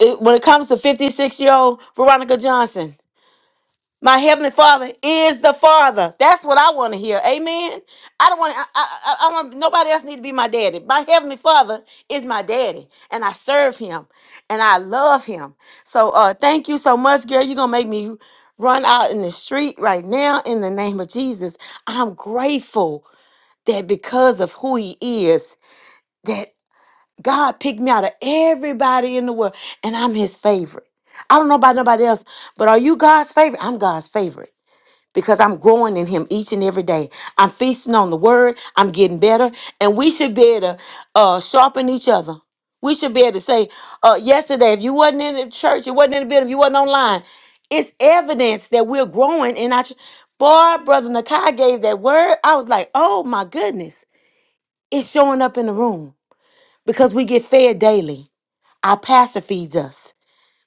Speaker 3: it, when it comes to 56 year old veronica johnson my heavenly father is the father that's what i want to hear amen i don't want i i, I I want nobody else need to be my daddy my heavenly father is my daddy and i serve him and i love him so uh thank you so much girl you're gonna make me run out in the street right now in the name of jesus i'm grateful that because of who he is God picked me out of everybody in the world, and I'm his favorite. I don't know about nobody else, but are you God's favorite? I'm God's favorite because I'm growing in him each and every day. I'm feasting on the word, I'm getting better, and we should be able to uh, sharpen each other. We should be able to say, uh, yesterday, if you wasn't in the church, you wasn't in the building, if you wasn't online, it's evidence that we're growing in our church. Boy, Brother Nakai gave that word. I was like, oh my goodness, it's showing up in the room because we get fed daily. Our pastor feeds us.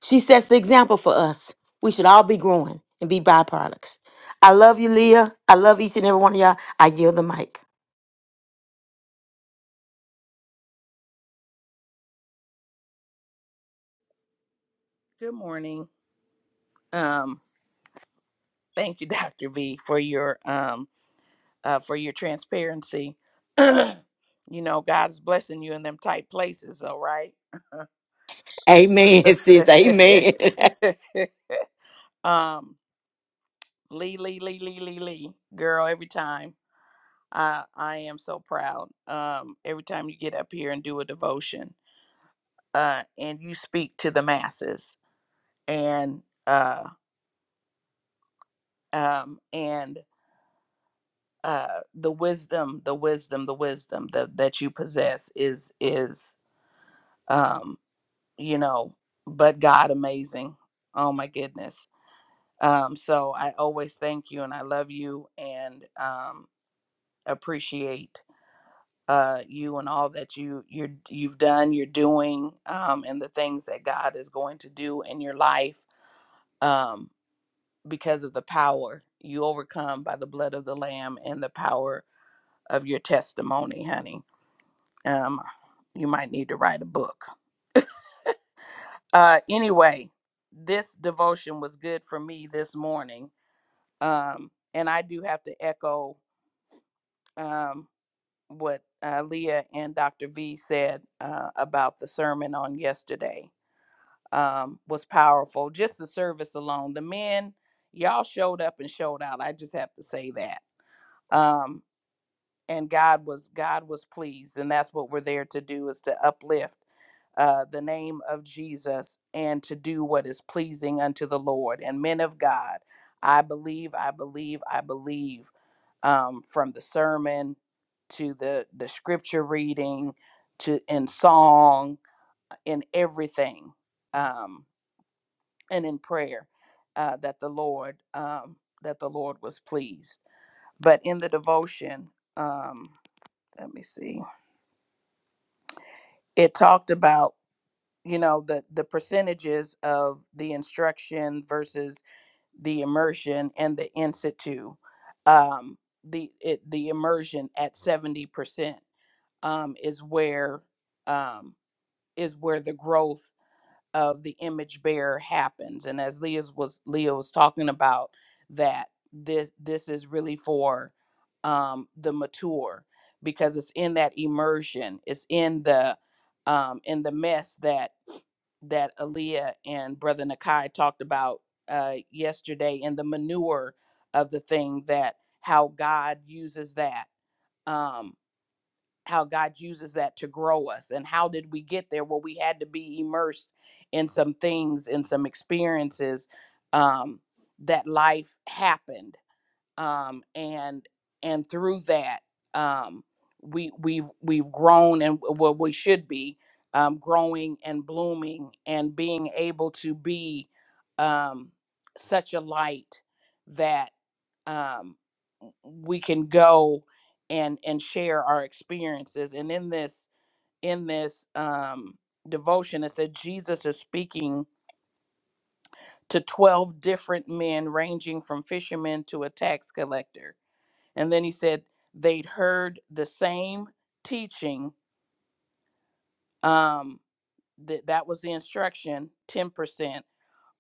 Speaker 3: She sets the example for us. We should all be growing and be byproducts. I love you, Leah. I love each and every one of y'all. I yield the mic.
Speaker 1: Good morning. Um, thank you, Dr. V, for your um uh for your transparency. you know, God is blessing you in them tight places, all right?
Speaker 3: Amen, sis. Amen.
Speaker 1: um Lee, Lee, Lee, Lee, Lee, Lee. Girl, every time. I I am so proud. Um, every time you get up here and do a devotion, uh, and you speak to the masses and uh um and uh the wisdom, the wisdom, the wisdom that that you possess is is um, you know, but God amazing. Oh my goodness. Um, so I always thank you and I love you and um appreciate uh, you and all that you you're, you've done, you're doing, um, and the things that God is going to do in your life um, because of the power you overcome by the blood of the Lamb and the power of your testimony, honey. Um, you might need to write a book. Uh, anyway, this devotion was good for me this morning, um, and I do have to echo um, what uh, Leah and Dr. V said uh, about the sermon on yesterday um, was powerful. Just the service alone. The men, y'all showed up and showed out. I just have to say that. Um, and God was God was pleased, and that's what we're there to do is to uplift uh, the name of Jesus and to do what is pleasing unto the Lord. And men of God, I believe, I believe, I believe um, from the sermon to the, the scripture reading to in song, in everything. Um, and in prayer uh, that the Lord um, that the Lord was pleased. But in the devotion, um, let me see, it talked about you know the the percentages of the instruction versus the immersion and the institute. Um, the it, the immersion at seventy percent um, is where um, is where the growth of the image bearer happens and as leah's was leah was talking about that this this is really for um the mature because it's in that immersion it's in the um in the mess that that Aaliyah and Brother Nakai talked about uh, yesterday in the manure of the thing that how God uses that. Um, how God uses that to grow us. And how did we get there? Well, we had to be immersed in some things, in some experiences um, that life happened, um, and and through that um, we we've we've grown and what we should be um, growing and blooming and being able to be um, such a light that. um, we can go and and share our experiences and in this in this um devotion it said jesus is speaking to 12 different men ranging from fishermen to a tax collector and then he said they'd heard the same teaching um that that was the instruction 10%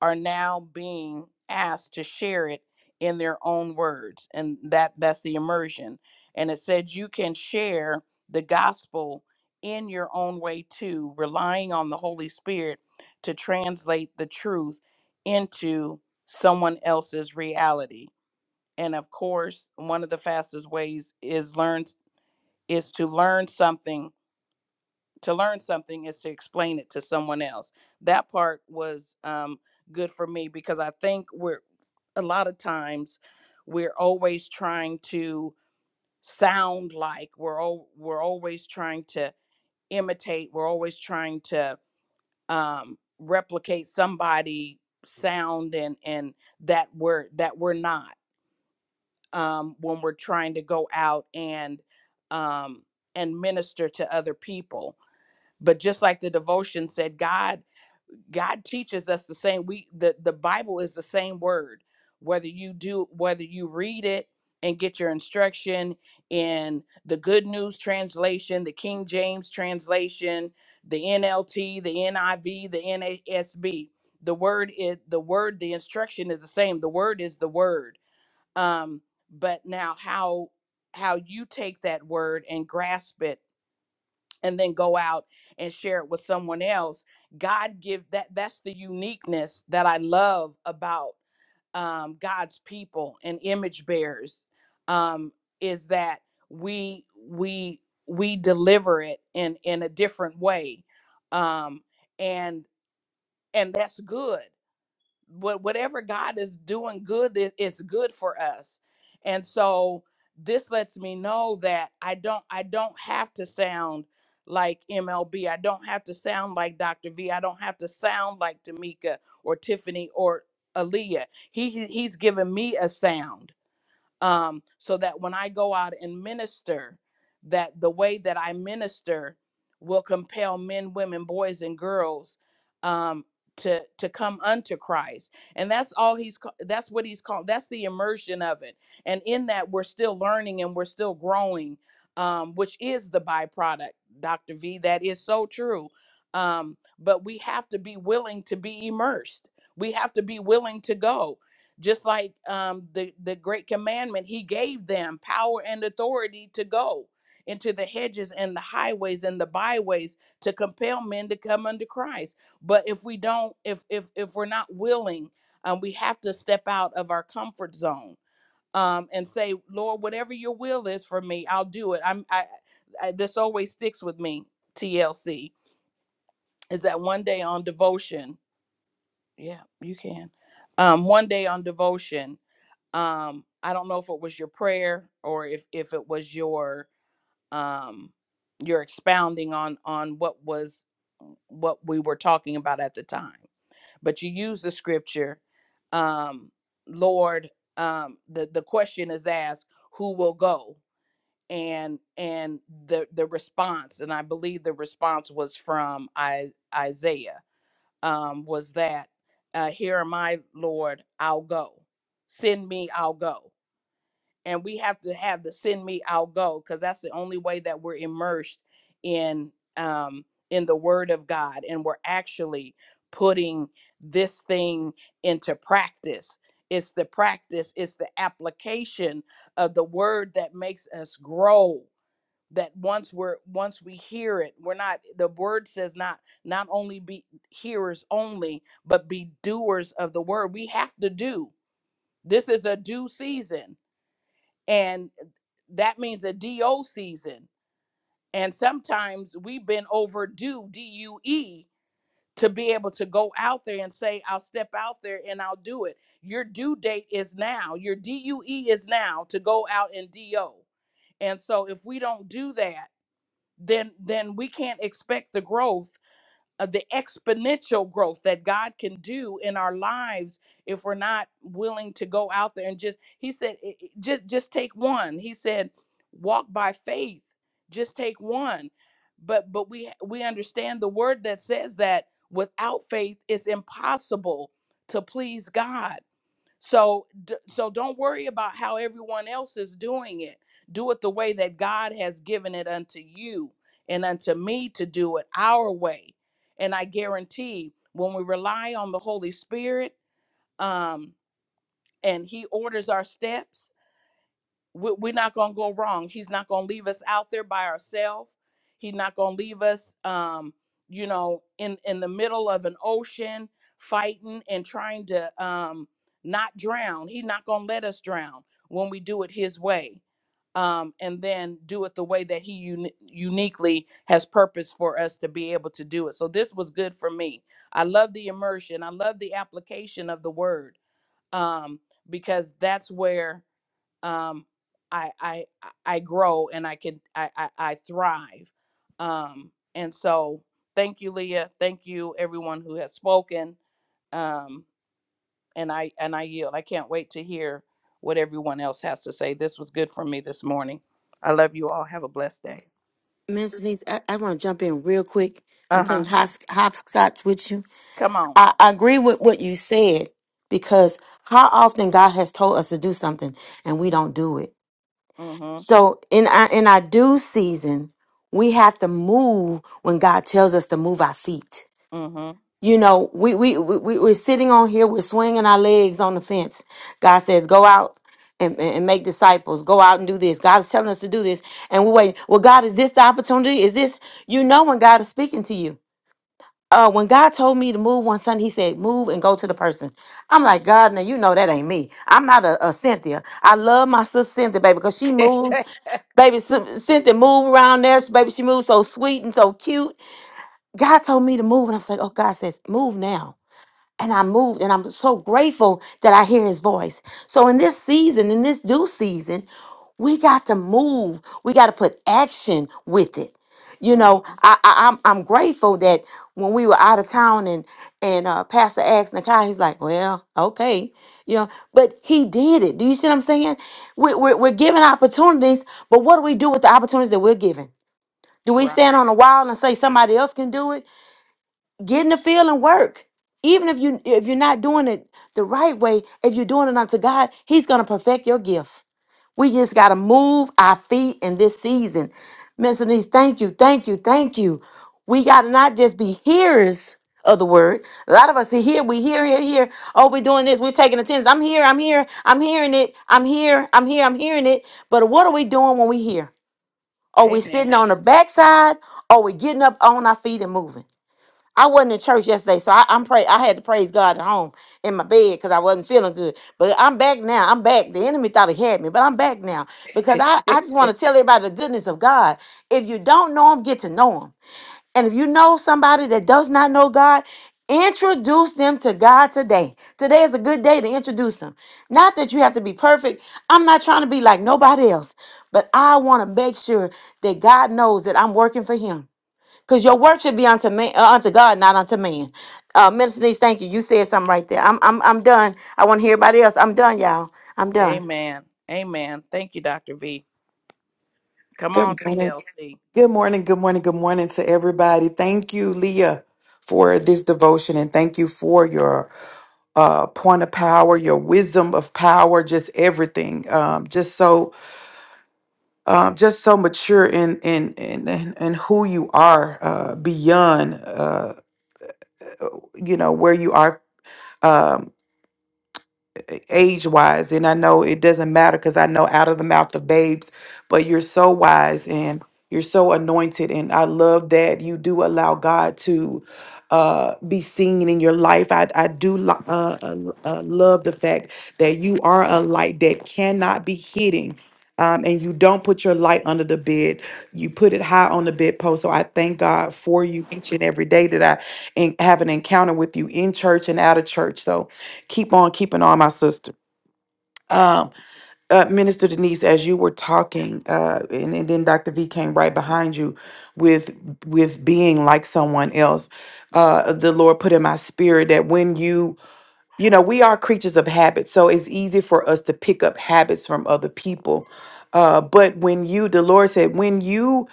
Speaker 1: are now being asked to share it in their own words and that that's the immersion and it said you can share the gospel in your own way too relying on the holy spirit to translate the truth into someone else's reality and of course one of the fastest ways is learn is to learn something to learn something is to explain it to someone else. That part was um, good for me because I think we're a lot of times we're always trying to sound like we're all we're always trying to imitate. We're always trying to um, replicate somebody sound and and that we're that we're not um, when we're trying to go out and um, and minister to other people but just like the devotion said god god teaches us the same we the the bible is the same word whether you do whether you read it and get your instruction in the good news translation the king james translation the nlt the niv the nasb the word is the word the instruction is the same the word is the word um but now how how you take that word and grasp it and then go out and share it with someone else god give that that's the uniqueness that i love about um, god's people and image bearers um, is that we we we deliver it in in a different way um, and and that's good what whatever God is doing good it- it's good for us. And so this lets me know that I don't I don't have to sound like MLB. I don't have to sound like Dr. V. I don't have to sound like Tamika or Tiffany or Aaliyah. He he- he's given me a sound um, so that when I go out and minister, that the way that I minister will compel men, women, boys, and girls um, to to come unto Christ, and that's all he's ca- that's what he's called. That's the immersion of it, and in that we're still learning and we're still growing, um, which is the byproduct, Doctor V. That is so true. Um, but we have to be willing to be immersed. We have to be willing to go just like um, the the great commandment he gave them power and authority to go into the hedges and the highways and the byways to compel men to come unto christ but if we don't if if if we're not willing um, we have to step out of our comfort zone um, and say lord whatever your will is for me i'll do it i'm i, I this always sticks with me tlc is that one day on devotion yeah you can um, one day on devotion um i don't know if it was your prayer or if if it was your um your expounding on on what was what we were talking about at the time but you use the scripture um lord um the the question is asked who will go and and the the response and i believe the response was from I, isaiah um was that uh here am i lord i'll go send me i'll go and we have to have the send me i'll go because that's the only way that we're immersed in um in the word of god and we're actually putting this thing into practice it's the practice it's the application of the word that makes us grow that once we're once we hear it we're not the word says not not only be hearers only but be doers of the word we have to do this is a due season and that means a DO season. And sometimes we've been overdue DUE to be able to go out there and say, I'll step out there and I'll do it. Your due date is now. Your DUE is now to go out and DO. And so if we don't do that, then then we can't expect the growth uh, the exponential growth that God can do in our lives if we're not willing to go out there and just he said "I- I- just just take one he said walk by faith just take one but but we we understand the word that says that without faith it's impossible to please God so d- so don't worry about how everyone else is doing it. Do it the way that God has given it unto you and unto me to do it our way. And I guarantee when we rely on the Holy Spirit um and he orders our steps, we- we're not going to go wrong. He's not going to leave us out there by ourselves. He's not going to leave us, um, you know, in in the middle of an ocean fighting and trying to um, not drown. He's not going to let us drown when we do it His way, um, and then do it the way that He uni- uniquely has purpose for us to be able to do it. So this was good for me. I love the immersion. I love the application of the Word um, because that's where um, I, I I grow and I can I, I, I thrive. Um, and so thank you, Leah. Thank you, everyone who has spoken. Um, and I and I yield. I can't wait to hear what everyone else has to say. This was good for me this morning. I love you all. Have a blessed day.
Speaker 3: Miss Denise, I, I want to jump in real quick. I'm
Speaker 1: Uh
Speaker 3: playing
Speaker 1: huh.
Speaker 3: hos- hopscotch with you.
Speaker 1: Come on.
Speaker 3: I, I agree with what you said because how often God has told us to do something and we don't do it.
Speaker 1: Mm-hmm.
Speaker 3: So in our in our due season, we have to move when God tells us to move our feet.
Speaker 1: Mm-hmm.
Speaker 3: You know, we, we, we, we- are sitting on here, we're swinging our legs on the fence. God says, go out and, and and make disciples, go out and do this. God is telling us to do this. And we're waiting. Well, God, is this the opportunity? Is this, you know, when God is speaking to you? Uh, when God told me to move one Sunday, He said, move and go to the person. I'm like, God, now you know that ain't me. I'm not a, a Cynthia. I love my sister Cynthia, baby, because she moves. Baby, Cyn- Cynthia move around there. Baby, she moves so sweet and so cute. God told me to move, and I was like, oh, God says, move now and I moved, and I'm so grateful that I hear his voice. So, in this season, in this due season, we got to move. We got to put action with it. You
Speaker 1: hmm
Speaker 3: know, I, I, I'm I'm grateful that when we were out of town and and uh, Pastor asked Nakai, he's like, well, okay, you know, but he did it. Do you see what I'm saying? We, we're we're given opportunities, but what do we do with the opportunities that we're given? Do we
Speaker 1: Right.
Speaker 3: stand on a wall and say somebody else can do it? get in the field and work even if you if you're not doing it the right way if you're doing it unto god he's going to perfect your gift we just got to move our feet in this season miss Denise, thank you thank you thank you we got to not just be hearers of the word a lot of us are here we hear hear, hear. oh we're doing this we're taking attendance i'm here i'm here i'm hearing it i'm here i'm here i'm hearing it but what are we doing when we hear are we
Speaker 1: Amen.
Speaker 3: sitting on the backside or are we getting up on our feet and moving I wasn't in church yesterday, so I, I'm pray. I had to praise God at home in my bed because I wasn't feeling good. But I'm back now. I'm back. The enemy thought he had me, but I'm back now because I, I just want to tell everybody the goodness of God. If you don't know Him, get to know Him. And if you know somebody that does not know God, introduce them to God today. Today is a good day to introduce them. Not that you have to be perfect. I'm not trying to be like nobody else, but I want to make sure that God knows that I'm working for Him. Because your work should be unto man, uh, unto God, not unto man. Uh, Minister Denise, thank you. You said something right there. I'm, I'm, I'm done. I want to hear everybody else. I'm done, y'all. I'm done.
Speaker 1: Amen. Amen. Thank you, Dr. V. Come on,
Speaker 4: Good morning.
Speaker 1: TLC.
Speaker 4: Good morning. Good morning. Good morning to everybody. Thank you, Leah, for this devotion and thank you for your uh, point of power, your wisdom of power, just everything. Um, just so, um, just so mature in in in in, in who you are uh, beyond, uh, you know, where you are. Um, age wise. And I know it doesn't matter because I know out of the mouth of babes, but you're so wise and you're so anointed. And I love that you do allow God to uh be seen in your life i i do lo- uh, uh, uh, love the fact that you are a light that cannot be hidden um and you don't put your light under the bed you put it high on the bedpost so i thank god for you each and every day that i and have an encounter with you in church and out of church so keep on keeping on, my sister. Um, uh, Minister Denise, as you were talking, uh, and, and then Dr. V came right behind you with with being like someone else. Uh, the Lord put in my spirit that when you, you know, we are creatures of habit, so it's easy for us to pick up habits from other people. Uh, but when you, the Lord said, when you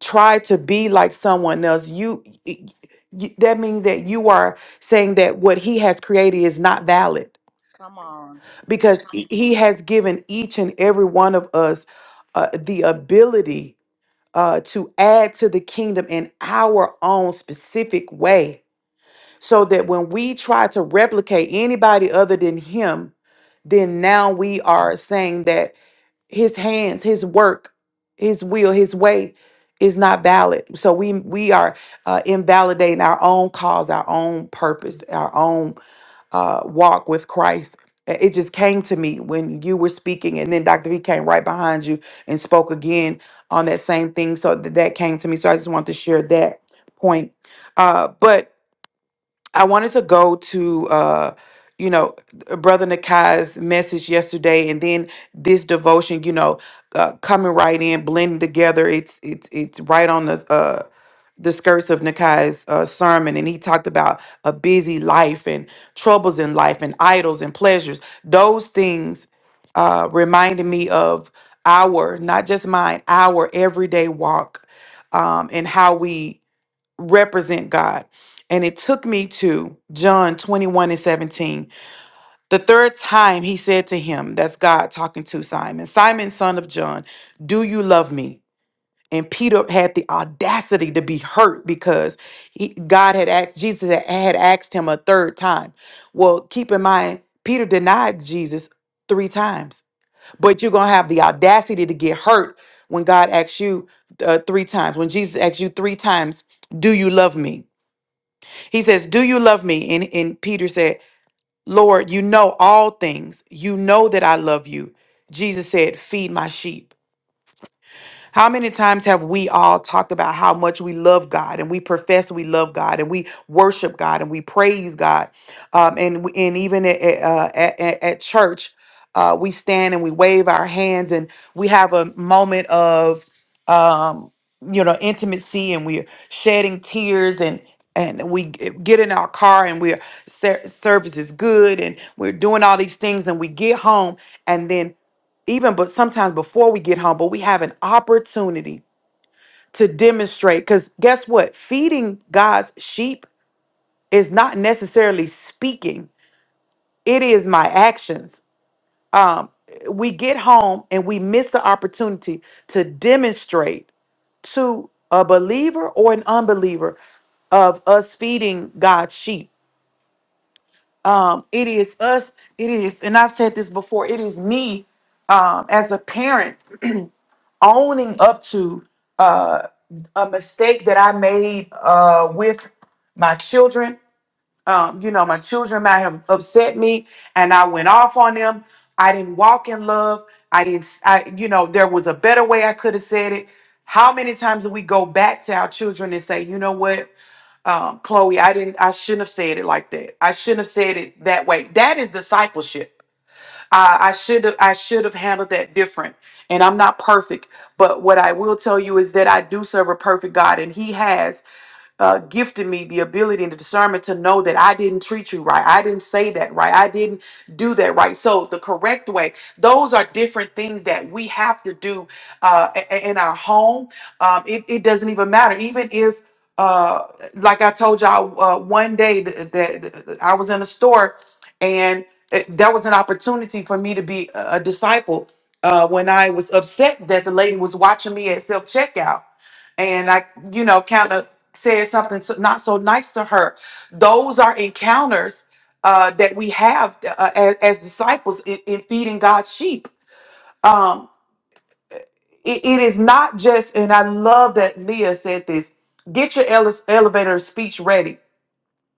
Speaker 4: try to be like someone else, you, y- y- that means that you are saying that what He has created is not valid
Speaker 1: Come on.
Speaker 4: because he he has given each and every one of us uh, the ability uh, to add to the kingdom in our own specific way so that when we try to replicate anybody other than him then now we are saying that his hands his work his will his way is not valid so we we are uh, invalidating our own cause our own purpose our own uh, walk with Christ. Uh, It just came to me when you were speaking, and then Dr. V came right behind you and spoke again on that same thing. So th- that came to me. So I just wanted to share that point. Uh, but I wanted to go to, uh, you know, uh, Brother Nakai's message yesterday, and then this devotion. You know, uh, coming right in, blending together. It's it's it's right on the. uh, the skirts of Nikai's uh, sermon, and he talked about a busy life and troubles in life and idols and pleasures. Those things uh, reminded me of our, not just mine, our everyday walk um, and how we represent God. And it took me to John 21 and 17. The third time he said to him, That's God talking to Simon, Simon, son of John, do you love me? and Peter had the audacity to be hurt because he, God had asked Jesus had had asked him a third time. Well, keep in mind Peter denied Jesus three times, but you're gonna have the audacity to get hurt when God asks you uh, three times. When Jesus asks you three times, "Do you love me?" He says, "Do you love me?" And and Peter said, "Lord, you know all things. You know that I love you." Jesus said, "Feed my sheep." How many times have we all talked about how much we love God and we profess we love God and we worship God and we praise God? Um, and, we- and even at, at, uh, at, at at church, uh, we stand and we wave our hands and we have a moment of, um, you know, intimacy and we're shedding tears and and we g- get in our car and we're ser- service is good and we're doing all these things and we get home and then even but sometimes before we get humble, we have an opportunity to demonstrate. Because guess what? Feeding God's sheep is not necessarily speaking, it is my actions. Um, we get home and we miss the opportunity to demonstrate to a believer or an unbeliever of us feeding God's sheep. Um, it is us, it is, and I've said this before, it is me um, as a parent owning up to uh, a mistake that I made uh, with my children. Um, you know, my children might have upset me, and I went off on them. I didn't walk in love. I didn't. I, you know, there was a better way I could have said it. How many times do we go back to our children and say, you know what, um, Chloe, I didn't. I shouldn't have said it like that. I shouldn't have said it that way. That is discipleship I, I should have I should have handled that different. And I'm not perfect, but what I will tell you is that I do serve a perfect God, and He has uh, gifted me the ability and the discernment to know that I didn't treat you right. I didn't say that right. I didn't do that right. So the correct way, those are different things that we have to do uh, a- a- in our home. Um, it, it doesn't even matter. Even if, uh, like I told y'all uh, one day that, I was in a store and it, that was an opportunity for me to be a a disciple uh, when I was upset that the lady was watching me at self checkout and I, you know, kind of said something so, not so nice to her. Those are encounters uh, that we have uh, as, as disciples in, in feeding God's sheep. Um, it it is not just, and I love that Leah said this get your ele- elevator speech ready.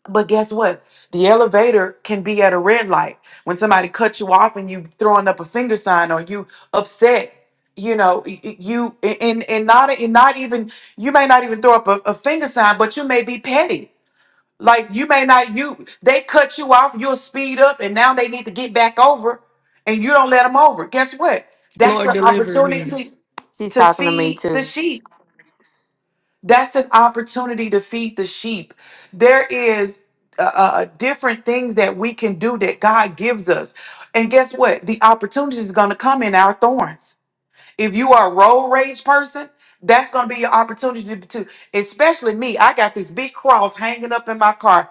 Speaker 4: But guess what? The elevator can be at a red light. When somebody cuts you off and you throwing up a finger sign or you upset, you know, y- y- you and and not and not even you may not even throw up a, a finger sign, but you may be petty like you may not you they cut you off, you'll speed up, and now they need to get back over, and you don't let them over. Guess what?
Speaker 2: Lord,
Speaker 4: That's an opportunity
Speaker 3: She's
Speaker 4: to
Speaker 3: talking to me
Speaker 4: feed the
Speaker 3: too.
Speaker 4: sheep. That's an opportunity to feed the sheep. There is uh, uh, different things that we can do that God gives us, and guess what? The opportunity is going to come in our thorns. If you are a road rage person, that's gonna be your opportunity to, especially me. I got this big cross hanging up in my car,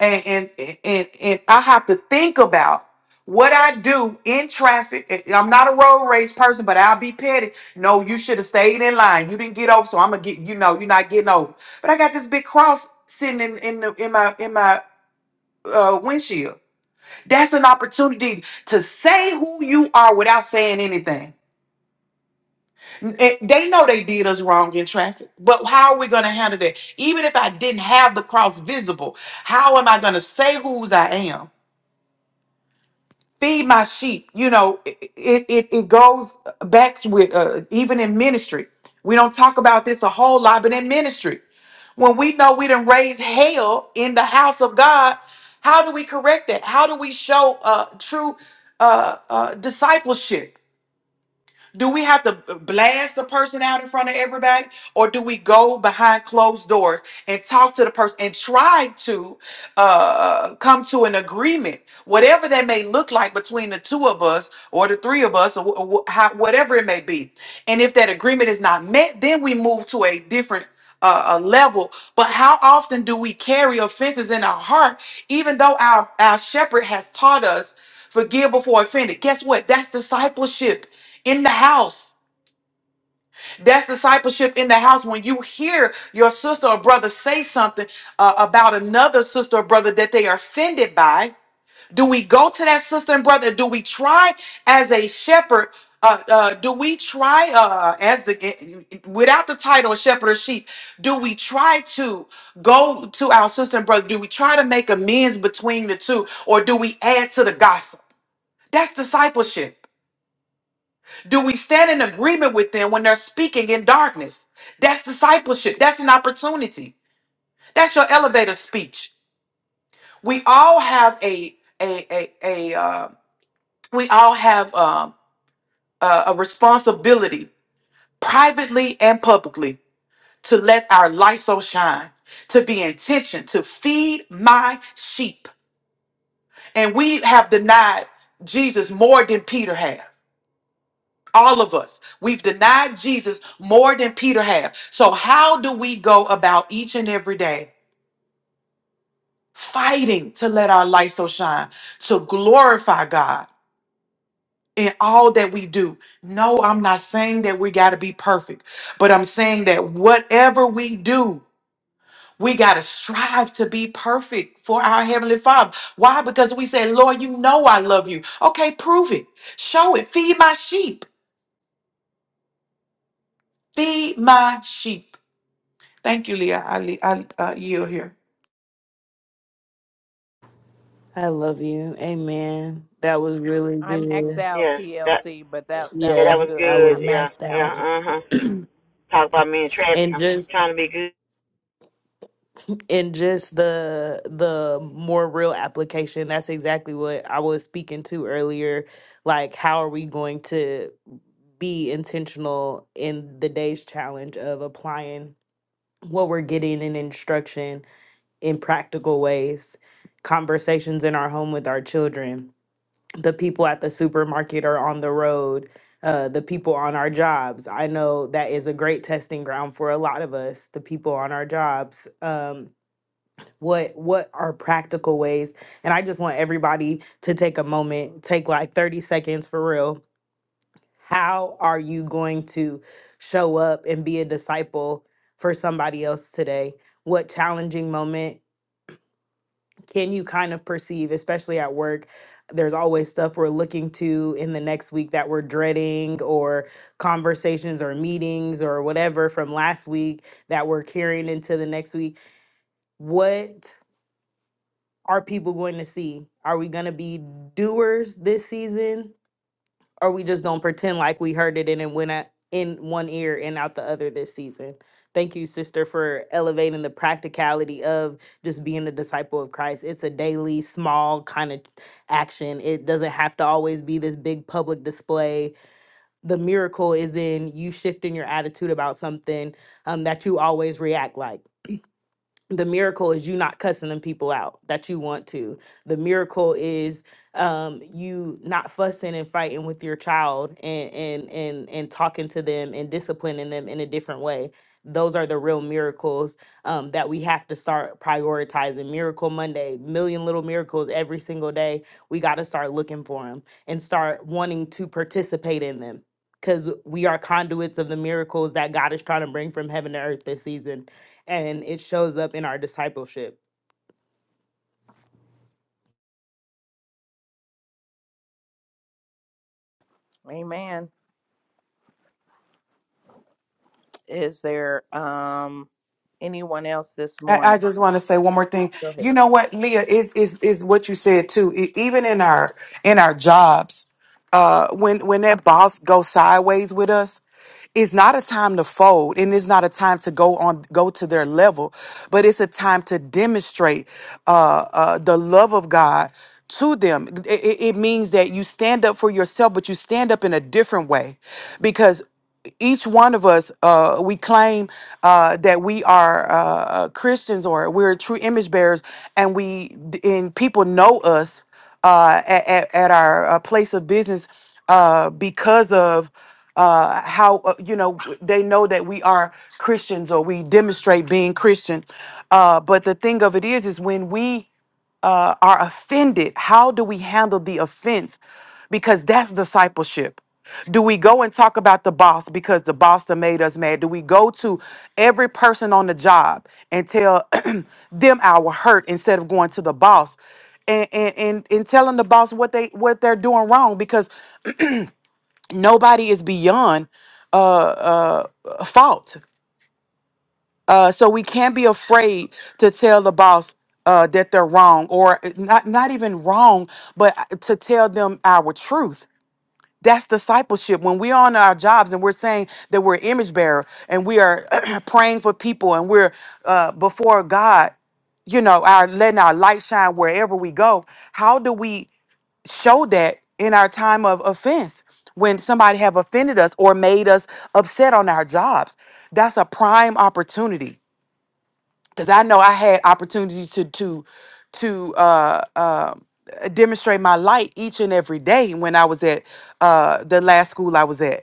Speaker 4: and and and and I have to think about what I do in traffic. And I'm not a road rage person, but I'll be petty. No, you should have stayed in line. You didn't get over, so I'm gonna get you know you're not getting over. But I got this big cross sitting in in, the, in my in my uh, windshield. That's an opportunity to say who you are without saying anything it- they know they did us wrong in traffic, but how are we going to handle that? Even if I didn't have the cross visible, how am I going to say whose I am? Feed my sheep. You know, it it, it it goes back with uh, even in ministry. We don't talk about this a whole lot, but in ministry, when we know we didn't raise hell in the house of God, how do we correct that? How do we show uh, true uh, uh, discipleship? Do we have to blast the person out in front of everybody? Or do we go behind closed doors and talk to the person and try to uh, come to an agreement, whatever that may look like between the two of us or the three of us or, wh- or wh- how, whatever it may be? And if that agreement is not met, then we move to a different uh, a level. But how often do we carry offenses in our heart, even though our, our shepherd has taught us forgive before offended? Guess what? That's discipleship in the house. That's discipleship in the house. When you hear your sister or brother say something uh, about another sister or brother that they are offended by, do we go to that sister and brother? Do we try as a shepherd? Uh, uh, do we try uh, as the eh, without the title of shepherd or sheep? Do we try to go to our sister and brother? Do we try to make amends between the two, or do we add to the gossip? That's discipleship. Do we stand in agreement with them when they're speaking in darkness? That's discipleship. That's an opportunity. That's your elevator speech. We all have a a a a uh, we all have um, a, a responsibility, privately and publicly, to let our light so shine, to be intention, to feed my sheep. And we have denied Jesus more than Peter had. All of us. We've denied Jesus more than Peter have. So how do we go about each and every day fighting to let our light so shine, to glorify God in all that we do? No, I'm not saying that we got to be perfect, but I'm saying that whatever we do, we got to strive to be perfect for our Heavenly Father. Why? Because we say, Lord, you know I love you. Okay, prove it. Show it. Feed my sheep. Feed my sheep. Thank you, Leah. I, le- I uh, yield here.
Speaker 2: I love you. Amen. That was really
Speaker 1: I maxed
Speaker 2: good.
Speaker 1: out
Speaker 3: Yes, that
Speaker 1: TLC, but that that
Speaker 3: yeah,
Speaker 1: was
Speaker 2: Yeah,
Speaker 3: that was
Speaker 1: good.
Speaker 2: I
Speaker 1: I
Speaker 2: was
Speaker 3: good. Yeah,
Speaker 1: maxed
Speaker 2: maxed
Speaker 1: out
Speaker 3: yeah,
Speaker 1: here.
Speaker 2: out.
Speaker 3: uh huh. Talk about me in traffic.
Speaker 2: and
Speaker 3: I'm
Speaker 2: just
Speaker 3: trying to be good.
Speaker 2: and just the the more real application, that's exactly what I was speaking to earlier. Like how are we going to be intentional in the day's challenge of applying what we're getting in instruction in practical ways, conversations in our home with our children. the people at the supermarket or on the road, uh, the people on our jobs. I know that is a great testing ground for a lot of us, the people on our jobs. Um, what what are practical ways? And I just want everybody to take a moment, take like 30 seconds for real. How are you going to show up and be a disciple for somebody else today? What challenging moment can you kind of perceive, especially at work? There's always stuff we're looking to in the next week that we're dreading, or conversations or meetings or whatever from last week that we're carrying into the next week. What are people going to see? Are we going to be doers this season? or we just don't pretend like we heard it and it went out in one ear and out the other this season. Thank you, sister, for elevating the practicality of just being a disciple of Christ. It's a daily, small kind of action. It doesn't have to always be this big public display. The miracle is in you shifting your attitude about something um, that you always react like the miracle is you not cussing them people out that you want to the miracle is um you not fussing and fighting with your child and and and and talking to them and disciplining them in a different way those are the real miracles um, that we have to start prioritizing miracle monday million little miracles every single day we got to start looking for them and start wanting to participate in them because we are conduits of the miracles that god is trying to bring from heaven to earth this season and it shows up in our discipleship.
Speaker 1: Amen. Is there um anyone else this morning?
Speaker 4: I, I just want to say one more thing.
Speaker 1: Go ahead.
Speaker 4: You know what, Leah is is is what you said too. E- even in our in our jobs, uh, when when that boss goes sideways with us, it's not a time to fold and it's not a time to go on go to their level but it's a time to demonstrate uh, uh, the love of god to them it, it it means that you stand up for yourself but you stand up in a different way because each one of us uh, we claim uh, that we are uh, uh, christians or we're true image bearers and we and people know us uh, at, at, at our uh, place of business uh, because of uh, how uh, you know they know that we are Christians or we demonstrate being Christian. Uh, but the thing of it is, is when we uh, are offended, how do we handle the offense? Because that's discipleship. Do we go and talk about the boss because the boss that made us mad? Do we go to every person on the job and tell them our hurt instead of going to the boss and, and, and, and telling the boss what they what they're doing wrong? Because nobody is beyond uh, uh, fault. Uh, so we can't be afraid to tell the boss uh, that they're wrong, or uh, not not even wrong, but uh, to tell them our truth. That's discipleship. When we're on our jobs and we're saying that we're image bearer and we are praying for people and we're uh, before God, you know, our letting our light shine wherever we go. How do we show that in our time of offense when somebody have offended us or made us upset on our jobs? That's a prime opportunity because I know I had opportunities to to to uh, uh, demonstrate my light each and every day when I was at uh, the last school I was at.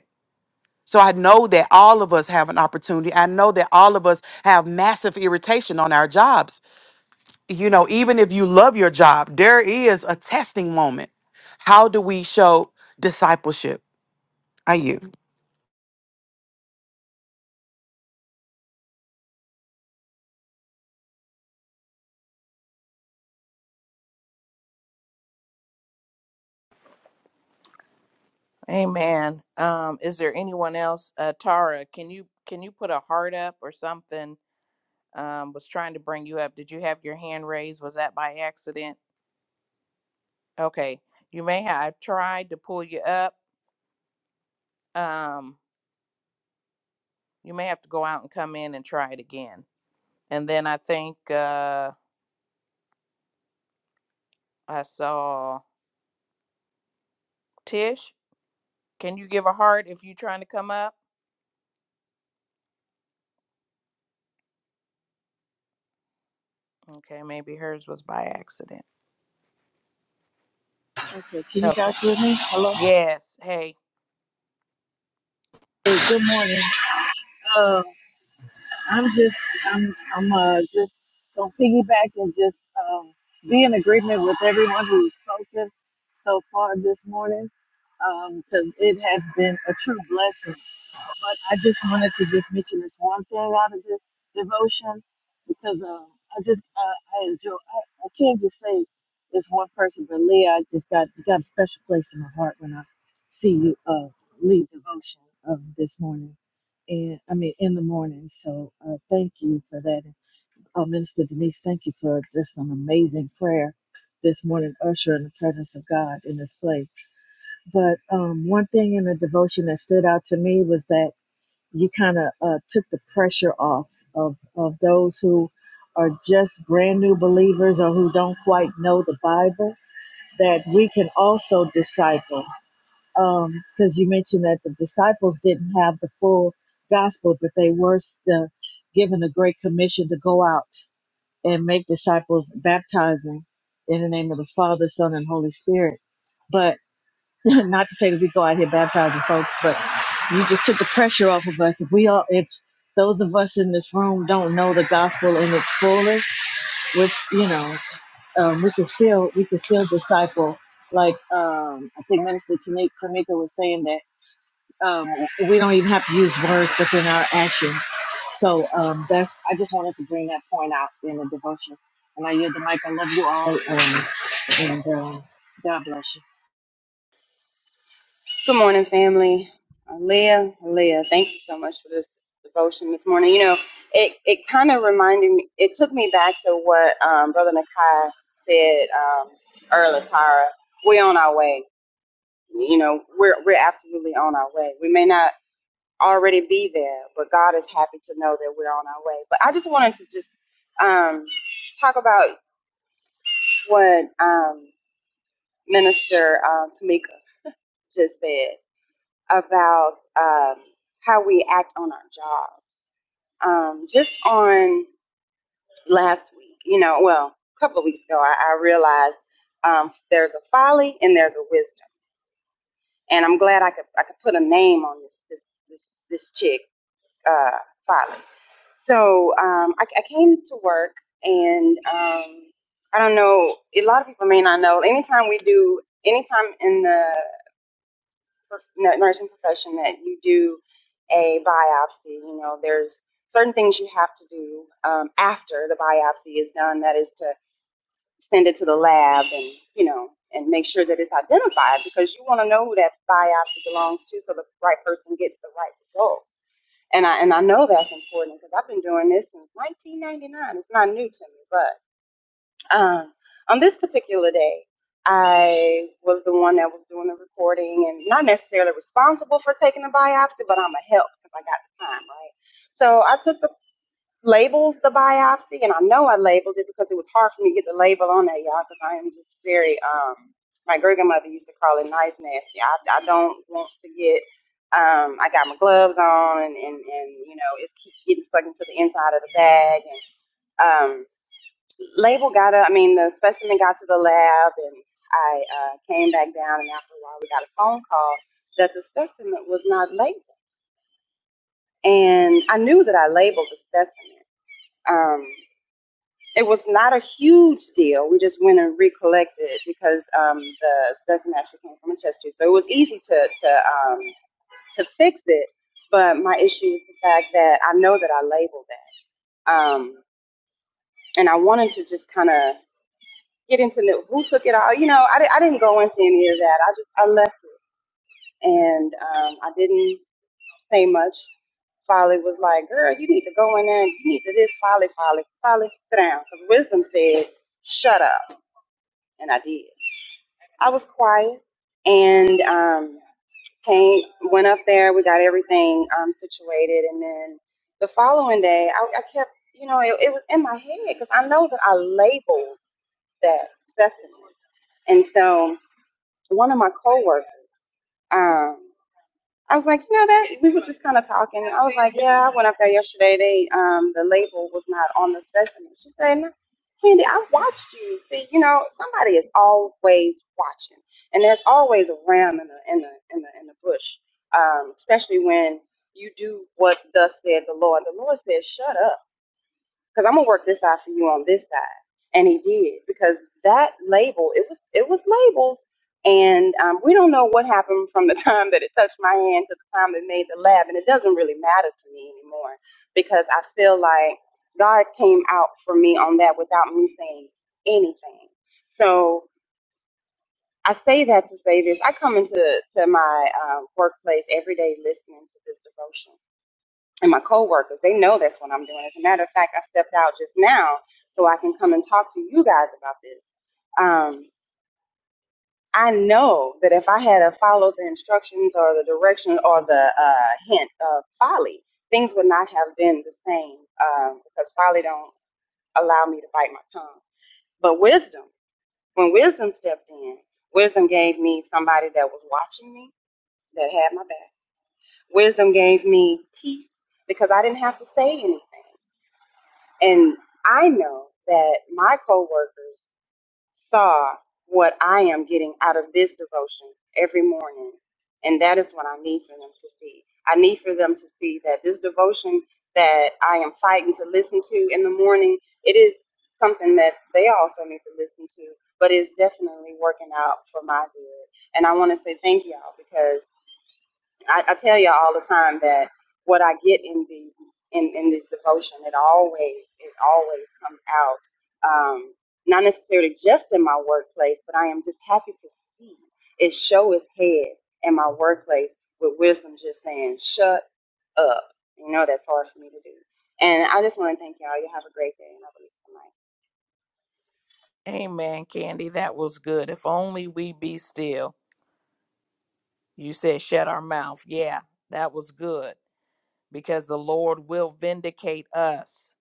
Speaker 4: So I know that all of us have an opportunity. I know that all of us have massive irritation on our jobs. You know, even if you love your job, there is a testing moment. How do we show discipleship? Are you
Speaker 1: Amen. Um, is there anyone else? Uh Tara, can you can you put a heart up or something? Um, was trying to bring you up. Did you have your hand raised? Was that by accident? Okay. You may have I tried to pull you up. Um, you may have to go out and come in and try it again. And then I think uh I saw Tish. Can you give a heart if you're trying to come up? Okay, maybe hers was by accident.
Speaker 5: Okay, can you
Speaker 1: Okay.
Speaker 5: guys hear me? Hello.
Speaker 1: Yes. Hey,
Speaker 5: Hey, good morning. Uh, I'm just, I'm, I'm uh, just gonna piggyback and just um, be in agreement with everyone who's spoken so far this morning, because it has been a true blessing. But I just wanted to just mention this one thing out of this devotion, because uh, I just, uh, I enjoy. I, I can't just say it's one person, but Leah, I just got, you got a special place in my heart when I see you uh, lead devotion of this morning and I mean in the morning. So uh, thank you for that. Oh, Minister Denise, thank you for just an amazing prayer this morning, usher in the presence of God in this place. But um, one thing in the devotion that stood out to me was that you kind of uh, took the pressure off of of those who are just brand new believers or who don't quite know the Bible. That we can also disciple um because you mentioned that the disciples didn't have the full gospel but they were still given a great commission to go out and make disciples baptizing in the name of the father son and holy spirit but not to say that we go out here baptizing folks but you just took the pressure off of us if we all if those of us in this room don't know the gospel in its fullest which you know um, we can still we can still disciple like um, i think minister Tanika Tamika was saying that um, we don't even have to use words, but then our actions. So um, that's I just wanted to bring that point out in the devotion. And I yield the mic. I love you all, um, and um, God bless you.
Speaker 6: Good morning, family. Uh, Leah, Leah, thank you so much for this devotion this morning. You know, it, it kind of reminded me, it took me back to what um, Brother Nakai said um, earlier, Tara. We're on our way. You know, we're, we're absolutely on our way. We may not already be there, but God is happy to know that we're on our way. But I just wanted to just um, talk about what um, Minister um, Tamika just said. about um, how we act on our jobs. Um, just on last week, you know, well, a couple of weeks ago, I, I realized um, there's a folly and there's a wisdom, and I'm glad I could I could put a name on this this this this chick uh, folly. So um, I, I came to work, and um, I don't know. A lot of people may not know. Anytime we do, anytime in the nu- nursing profession that you do a biopsy. You know, there's certain things you have to do um, after the biopsy is done. That is to send it to the lab and you know and make sure that it's identified because you want to know who that biopsy belongs to, so the right person gets the right result. And I and I know that's important because I've been doing this since 1999. It's not new to me, but. Um, on this particular day, I was the one that was doing the recording and not necessarily responsible for taking the biopsy, but I'm a help because I got the time, right? So I took the labeled the biopsy, and I know I labeled it because it was hard for me to get the label on that, y'all, because I am just very, um, my great grandmother used to call it nice nasty. I, I don't want to get, um, I got my gloves on, and, and, and you know, it's keep getting stuck into the inside of the bag. And, um, label got up, I mean, the specimen got to the lab, and I uh, came back down, and after a while, we got a phone call that the specimen was not labeled. And I knew that I labeled the specimen. Um, it was not a huge deal. We just went and recollected it because um, the specimen actually came from a chest tube, so it was easy to to um, to fix it. But my issue is the fact that I know that I labeled that, um, and I wanted to just kind of get into the, who took it all. You know, I, di- I didn't go into any of that. I just I left and um, I didn't say much. Folly was like, "Girl, you need to go in there. and You need to this, Folly, Folly, Folly, sit down." Because wisdom said, "Shut up," and I did. I was quiet and um, came, went up there. We got everything um, situated, and then the following day, I, I kept, you know, it, it was in my head because I know that I labeled that specimen, and so. one of my coworkers. Um, I was like, you know that we were just kind of talking. I was like, yeah, I went up there yesterday. They um the label was not on the specimen. She said, no, Candy, I watched you. See, you know somebody is always watching, and there's always a ram in the in the in the in the bush, um, especially when you do what thus said the Lord. The Lord said, shut up because I'm gonna work this side for you on this side. And he did because that label it was it was labeled, and um, we don't know what happened from the time that it touched my hand to the time it made the lab, and it doesn't really matter to me anymore because I feel like God came out for me on that without me saying anything. So I say that to say this: I come into to my um, workplace every day listening to this devotion and my coworkers, they know that's what I'm doing. As a matter of fact, I stepped out just now so I can come and talk to you guys about this. Um, I know that if I had a followed the instructions or the direction or the uh, hint of folly, things would not have been the same um, because folly don't allow me to bite my tongue. But wisdom, when wisdom stepped in, wisdom gave me somebody that was watching me, that had my back. Wisdom gave me peace because I didn't have to say anything. And I know that my coworkers saw what I am getting out of this devotion every morning. And that is what I need for them to see. I need for them to see that this devotion that I am fighting to listen to in the morning, it is something that they also need to listen to, but it's definitely working out for my good. And I want to say thank y'all because. I, I tell you all the time that what I get in these in, in this devotion, it always it always comes out. Um, not necessarily just in my workplace, but I am just happy to see it show its head in my workplace with wisdom just saying, Shut up. You know that's hard for me to do. And I just want to thank y'all. You have a great day and I believe tonight.
Speaker 1: amen, Candy. That was good. If only we be still. You said shut our mouth. Yeah, that was good because the Lord will vindicate us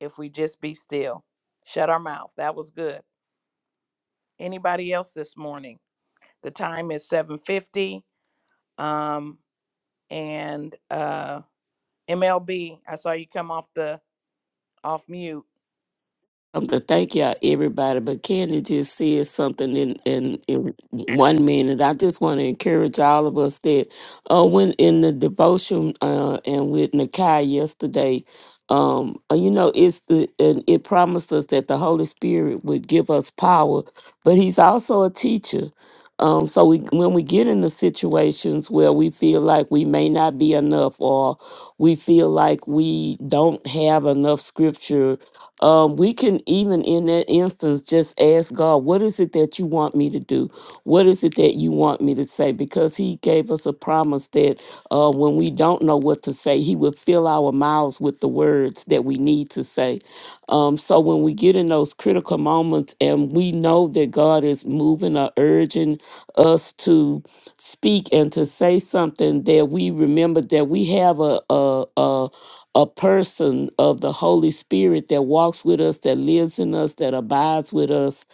Speaker 1: if we just be still. Shut our mouth. That was good. Anybody else this morning? The time is 7:50. Um and uh MLB, I saw you come off the off mute.
Speaker 7: Um, to thank y'all, everybody. But Candy just said something in, in, in one minute. I just want to encourage all of us that uh, when in the devotion uh, and with Nakai yesterday, um, uh, you know, it's the and it promised us that the Holy Spirit would give us power, but He's also a teacher. Um, so we, when we get into situations where we feel like we may not be enough, or we feel like we don't have enough scripture um, we can even in that instance just ask God, what is it that you want me to do? What is it that you want me to say? Because He gave us a promise that uh, when we don't know what to say, He will fill our mouths with the words that we need to say. Um, so when we get in those critical moments and we know that God is moving or urging us to speak and to say something, that we remember that we have a a, a a person of the Holy Spirit that walks with us, that lives in us, that abides with us.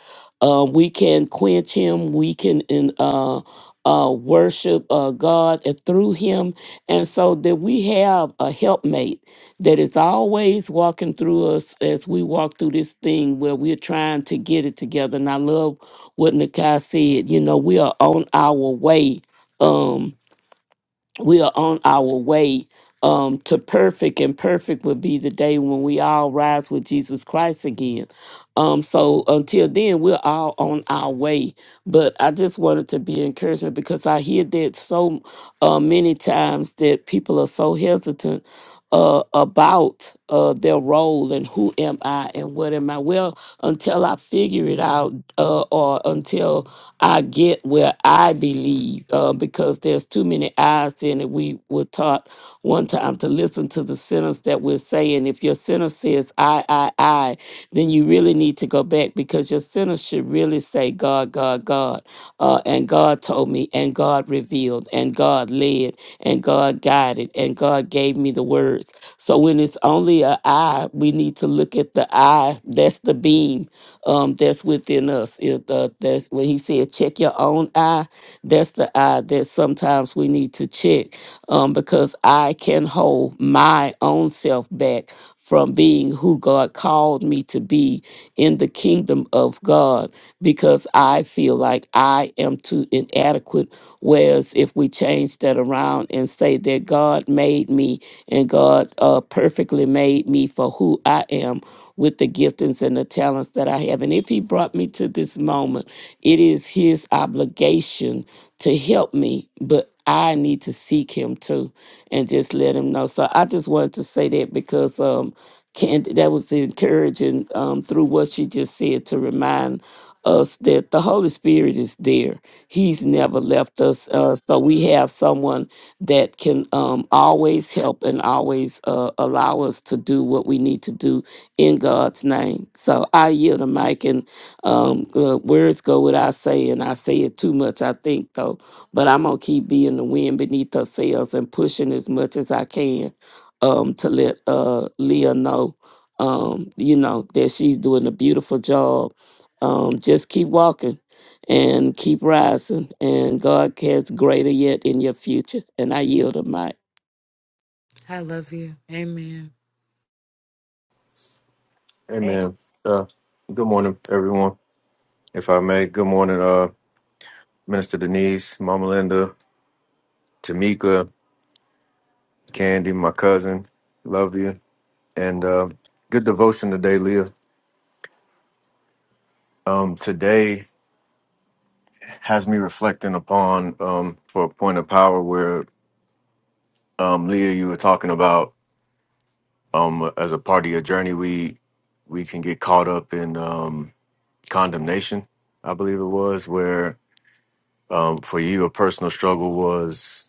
Speaker 7: Uh, we can quench him. We can in, uh, uh, worship uh, God and through him. And so that we have a helpmate that is always walking through us as we walk through this thing where we're trying to get it together. And I love what Nakai said. You know, we are on our way. Um, we are on our way um, to perfect, and perfect will be the day when we all rise with Jesus Christ again. Um, so until then, we're all on our way. But I just wanted to be encouragement because I hear that so uh, many times that people are so hesitant uh, about uh, their role and who am I and what am I. Well, until I figure it out, uh, or until I get where I believe uh, because there's too many eyes in it. We were taught one time to listen to the sentence that we're saying. If your sentence says I, I, I, then you really need to go back because your sentence should really say God, God, God. Uh, and God told me, and God revealed, and God led, and God guided, and God gave me the words. So when it's only a I, we need to look at the I. That's the beam um, that's within us. It, uh, that's where when he said check your own eye that's the eye that sometimes we need to check um, because i can hold my own self back from being who god called me to be in the kingdom of god because i feel like i am too inadequate whereas if we change that around and say that god made me and god uh, perfectly made me for who i am with the giftings and the talents that I have. And if he brought me to this moment it is his obligation to help me, but I need to seek him too and just let him know. So I just wanted to say that because um Candy, that was encouraging um, through what she just said to remind us that the Holy Spirit is there. He's never left us. Uh, so we have someone that can um, always help and always uh, allow us to do what we need to do in God's name. So I yield the mic and um uh, words go without saying i say it too much i think though but i'm gonna keep being the wind beneath her sails and pushing as much as i can um to let uh leah know um you know that she's doing a beautiful job um just keep walking and keep rising and god has greater yet in your future and i yield a mic
Speaker 8: Amen. Uh, good morning, everyone. If I may, good morning, uh, Minister Denise, Mama Linda, Tamika, Candy, my cousin. Love you. And uh, good devotion today, Leah. Um, today has me reflecting upon um, for a point of power where um, Leah, you were talking about um, as a part of your journey, we we can get caught up in um, condemnation. I believe it was where um, for you, a personal struggle was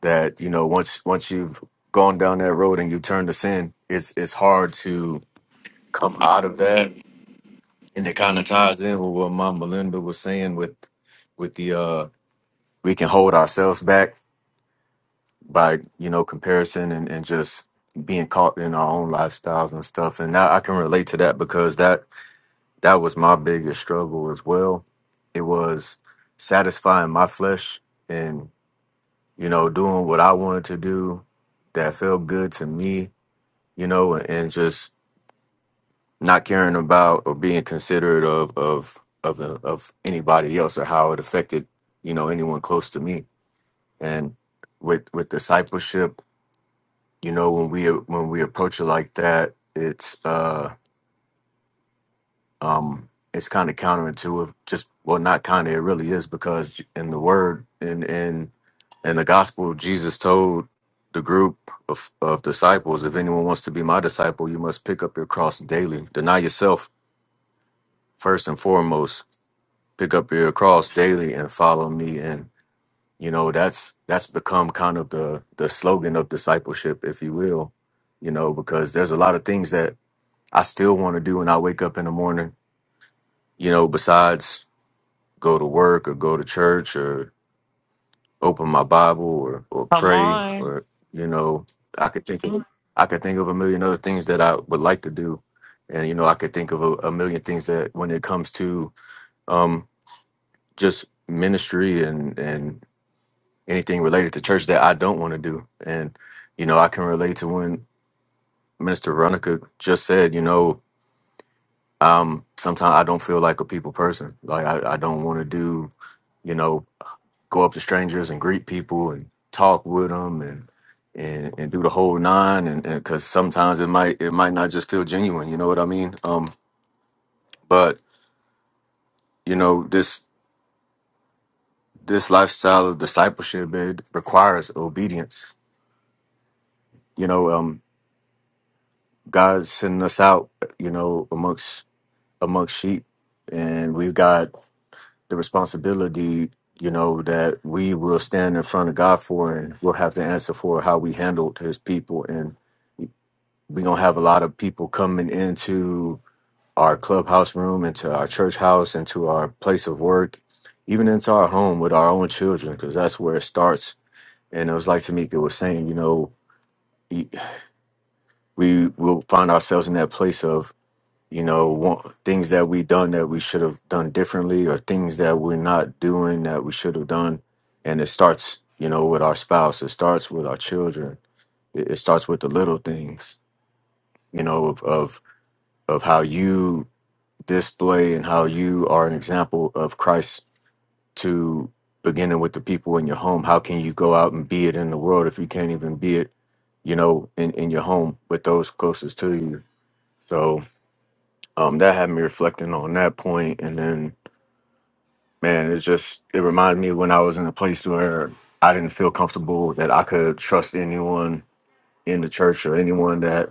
Speaker 8: that you know once once you've gone down that road and you turn to sin it's it's hard to come out of that and it kind of ties in with what mom melinda was saying with with the uh we can hold ourselves back by you know comparison and, and just being caught in our own lifestyles and stuff and now i can relate to that because that that was my biggest struggle as well it was satisfying my flesh and you know doing what i wanted to do that felt good to me you know, and just not caring about or being considerate of of of the, of anybody else or how it affected you know anyone close to me. And with with discipleship, you know, when we when we approach it like that, it's uh um it's kind of counterintuitive. Just well, not kind of. It really is because in the word in in in the gospel, Jesus told the group of, of disciples, if anyone wants to be my disciple, you must pick up your cross daily, deny yourself, first and foremost pick up your cross daily and follow me and you know that's that's become kind of the the slogan of discipleship if you will you know because there's a lot of things that i still want to do when i wake up in the morning you know besides go to work or go to church or open my bible or or
Speaker 2: Come
Speaker 8: pray
Speaker 2: on.
Speaker 8: or you know i could think of, i could think of a million other things that i would like to do and you know i could think of a, a million things that when it comes to um. just ministry and and anything related to church that I don't want to do. And you know, I can relate to when Minister Ronica just said, you know, um, sometimes I don't feel like a people person. Like I, I don't want to do, you know, go up to strangers and greet people and talk with them and and, and do the whole nine. And because sometimes it might it might not just feel genuine. You know what I mean? Um, but you know this this lifestyle of discipleship it requires obedience you know um. God's sending us out, you know, amongst amongst sheep, and we've got the responsibility, you know, that we will stand in front of God for, and we'll have to answer for how we handled His people, and we're gonna have a lot of people coming into our clubhouse room, into our church house, into our place of work, even into our home with our own children, because that's where it starts. And it was like Tamika was saying, you know, we will find ourselves in that place of. you know want, things that we done that we should have done differently or things that we're not doing that we should have done and it starts you know with our spouse it starts with our children it, it starts with the little things you know of, of of how you display and how you are an example of christ to beginning with the people in your home how can you go out and be it in the world if you can't even be it you know in, in your home with those closest to you so um that had me reflecting on that point and then man, it's just it reminded me when I was in a place where I didn't feel comfortable that I could trust anyone in the church or anyone that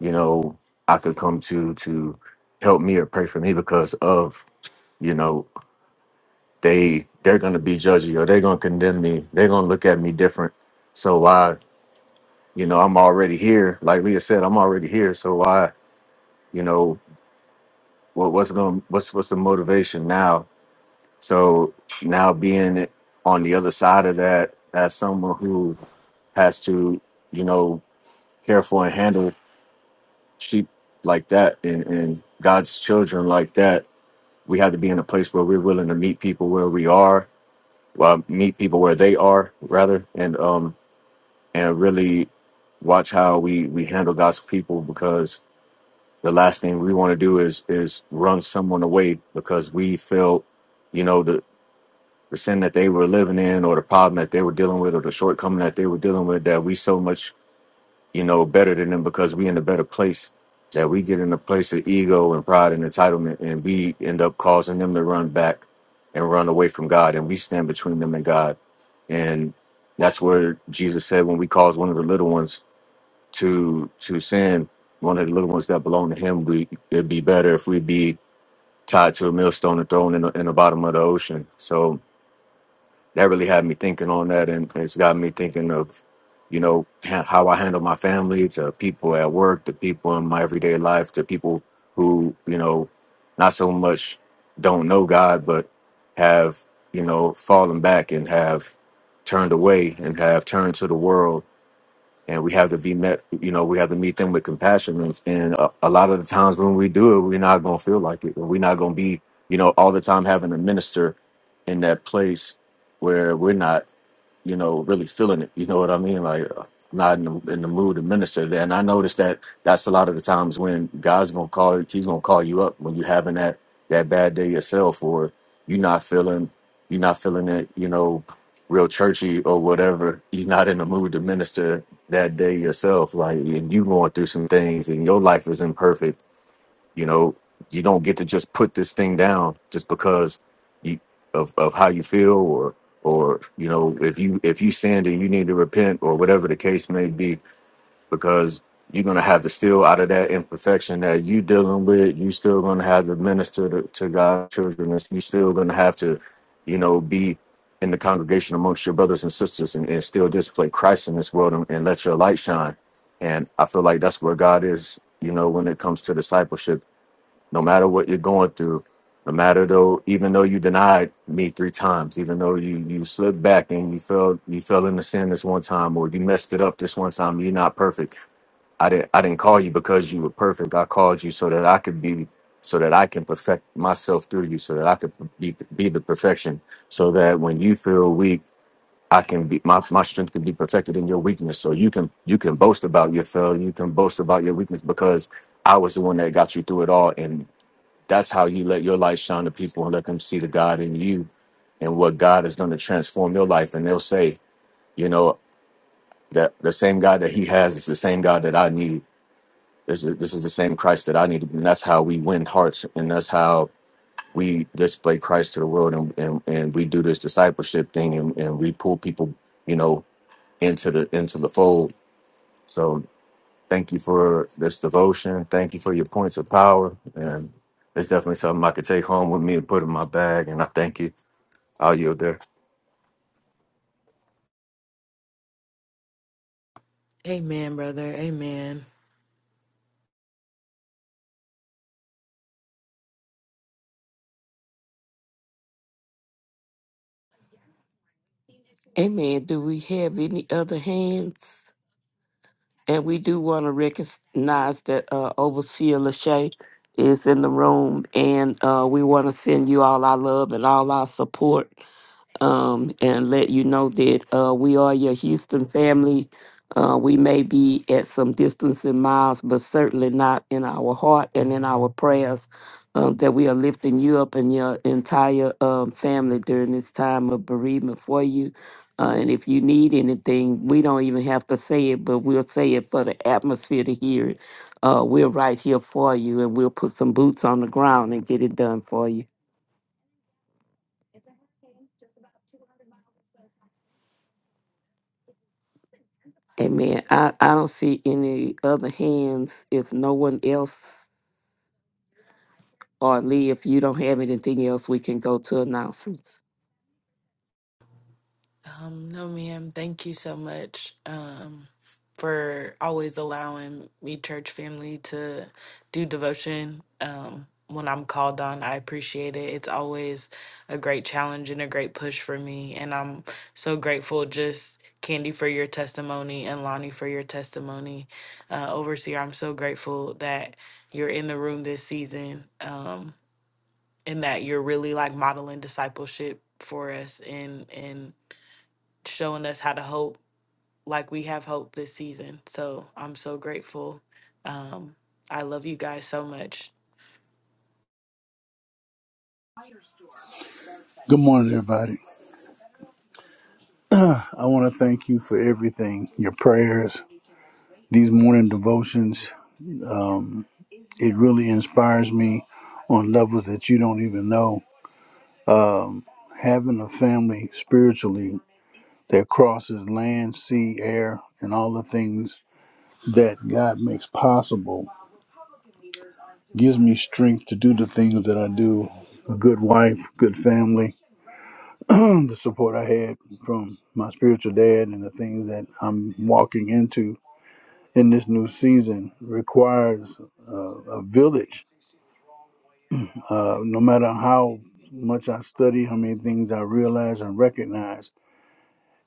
Speaker 8: you know I could come to to help me or pray for me because of you know they they're gonna be judgy or they're gonna condemn me they're gonna look at me different so why you know I'm already here like Leah said I'm already here so why you know what what's going what's what's the motivation now So now being on the other side of that, as someone who has to, you know, care for and handle sheep like that and, and God's children like that, we have to be in a place where we're willing to meet people where we are, well, meet people where they are rather, and um and really watch how we we handle God's people because the last thing we want to do is is run someone away because we feel, you know, the. the sin that they were living in or the problem that they were dealing with or the shortcoming that they were dealing with that we so much you know better than them because we in a better place that we get in a place of ego and pride and entitlement and we end up causing them to run back and run away from god and we stand between them and god and that's where jesus said when we cause one of the little ones to to sin one of the little ones that belong to him we it'd be better if we be tied to a millstone and thrown in the, in the bottom of the ocean so that really had me thinking on that, and it's got me thinking of, you know, ha- how I handle my family, to people at work, to people in my everyday life, to people who, you know, not so much don't know God, but have, you know, fallen back and have turned away and have turned to the world and we have to be met you know we have to meet them with compassion and, and a, a lot of the times when we do it we're not going to feel like it we're not going to be you know all the time having a minister in that place where we're not you know, really feeling it. You know what I mean? Like, uh, not in the, in the mood to minister. And I noticed that that's a lot of the times when God's gonna call, He's gonna call you up when you're having that that bad day yourself, or you're not feeling, you're not feeling it. You know, real churchy or whatever. You're not in the mood to minister that day yourself. Like, and you going through some things, and your life is imperfect you know, you don't get to just put this thing down just because you of, of how you feel or or you know if you if you sinned and you need to repent or whatever the case may be because you're gonna have to steal out of that imperfection that you dealing with. You still gonna have to minister to, to God's children. and You still gonna have to, you know, be in the congregation amongst your brothers and sisters and, and still display Christ in this world and, and let your light shine. And I feel like that's where God is, you know, when it comes to discipleship no matter what you're going through, no matter though, even though you denied me three times, even though you you slipped back and you fell you fell into sin this one time, or you messed it up this one time, you're not perfect. I didn't I didn't call you because you were perfect. I called you so that I could be so that I can perfect myself through you, so that I could be be the perfection, so that when you feel weak. I can be my, my strength can be perfected in your weakness. So you can you can boast about your failure, you can boast about your weakness because I was the one that got you through it all. And that's how you let your light shine to people and let them see the God in you and what God is going to transform your life. And they'll say, you know, that the same God that He has is the same God that I need. This is this is the same Christ that I need. And that's how we win hearts, and that's how we display Christ to the world, and and, and we do this discipleship thing, and, and we pull people, you know, into the into the fold. So. Thank you for this devotion. Thank you for your points of power. And it's definitely something I could take home with me and put in my bag. And I thank you. I'll yield there.
Speaker 2: Amen, brother. Amen.
Speaker 7: amen do we have any other hands And we do want to recognize that uh, Overseer Lachey is in the room, and uh, we want to send you all our love and all our support um, and let you know that uh, we are your Houston family. Uh, we may be at some distance in miles, but certainly not in our heart and in our prayers. Um, that we are lifting you up and your entire um, family during this time of bereavement for you. Uh, and if you need anything, we don't even have to say it, but we'll say it for the atmosphere to hear it. Uh, we're right here for you, and we'll put some boots on the ground and get it done for you. Amen. I, I don't see any other hands. If no one else or Lee, if you don't have anything else, we can go to announcements.
Speaker 2: We church family to do devotion. Um, when I'm called on, I appreciate it. It's always a great challenge and a great push for me. And I'm so grateful, just Candy, for your testimony and Lonnie for your testimony. Uh, Overseer, I'm so grateful that you're in the room this season um, and that you're really like modeling discipleship for us. And and showing us how to hope like we have hope this season. So I'm so grateful. Um, I love you guys so much.
Speaker 9: Good morning, everybody. I want to thank you for everything your prayers, these morning devotions. It really inspires me on levels that you don't even know. Having a family spiritually that crosses land, sea, air, and all the things that God makes possible gives me strength to do the things that I do. A good wife, good family, and the support I had from my spiritual dad, and the things that I'm walking into in this new season requires uh, a village. Uh, no matter how much I study, how many things I realize and recognize,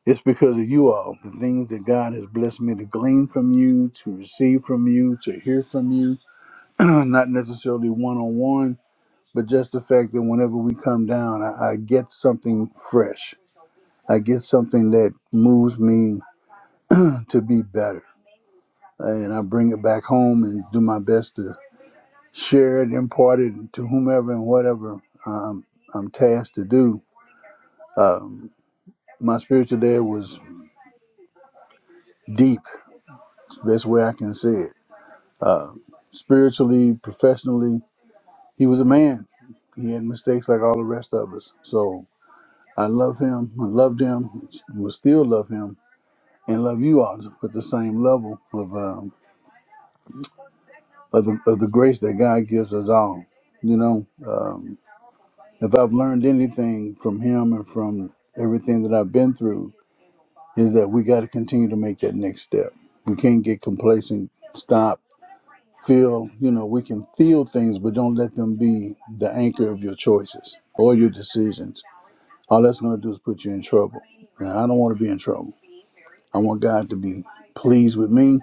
Speaker 9: it's because of you all. The things that God has blessed me to glean from you, to receive from you, to hear from you, not necessarily one on one, but just the fact that whenever we come down, I, I get something fresh. I get something that moves me to be better. And I bring it back home and do my best to. shared, imparted to whomever and whatever um, I'm tasked to do. Um, my spiritual dad was deep, it's the best way I can say it. Spiritually, professionally, he was a man. He had mistakes like all the rest of us. So I love him, I loved him, will still love him, and love you all with the same level of, um, of, the, of the grace that God gives us all. You know, um, if I've learned anything from him and from everything that I've been through, is that we got to continue to make that next step. We can't get complacent, stop, feel, you know, we can feel things, but don't let them be the anchor of your choices or your decisions. All that's going to do is put you in trouble. And I don't want to be in trouble. I want God to be pleased with me,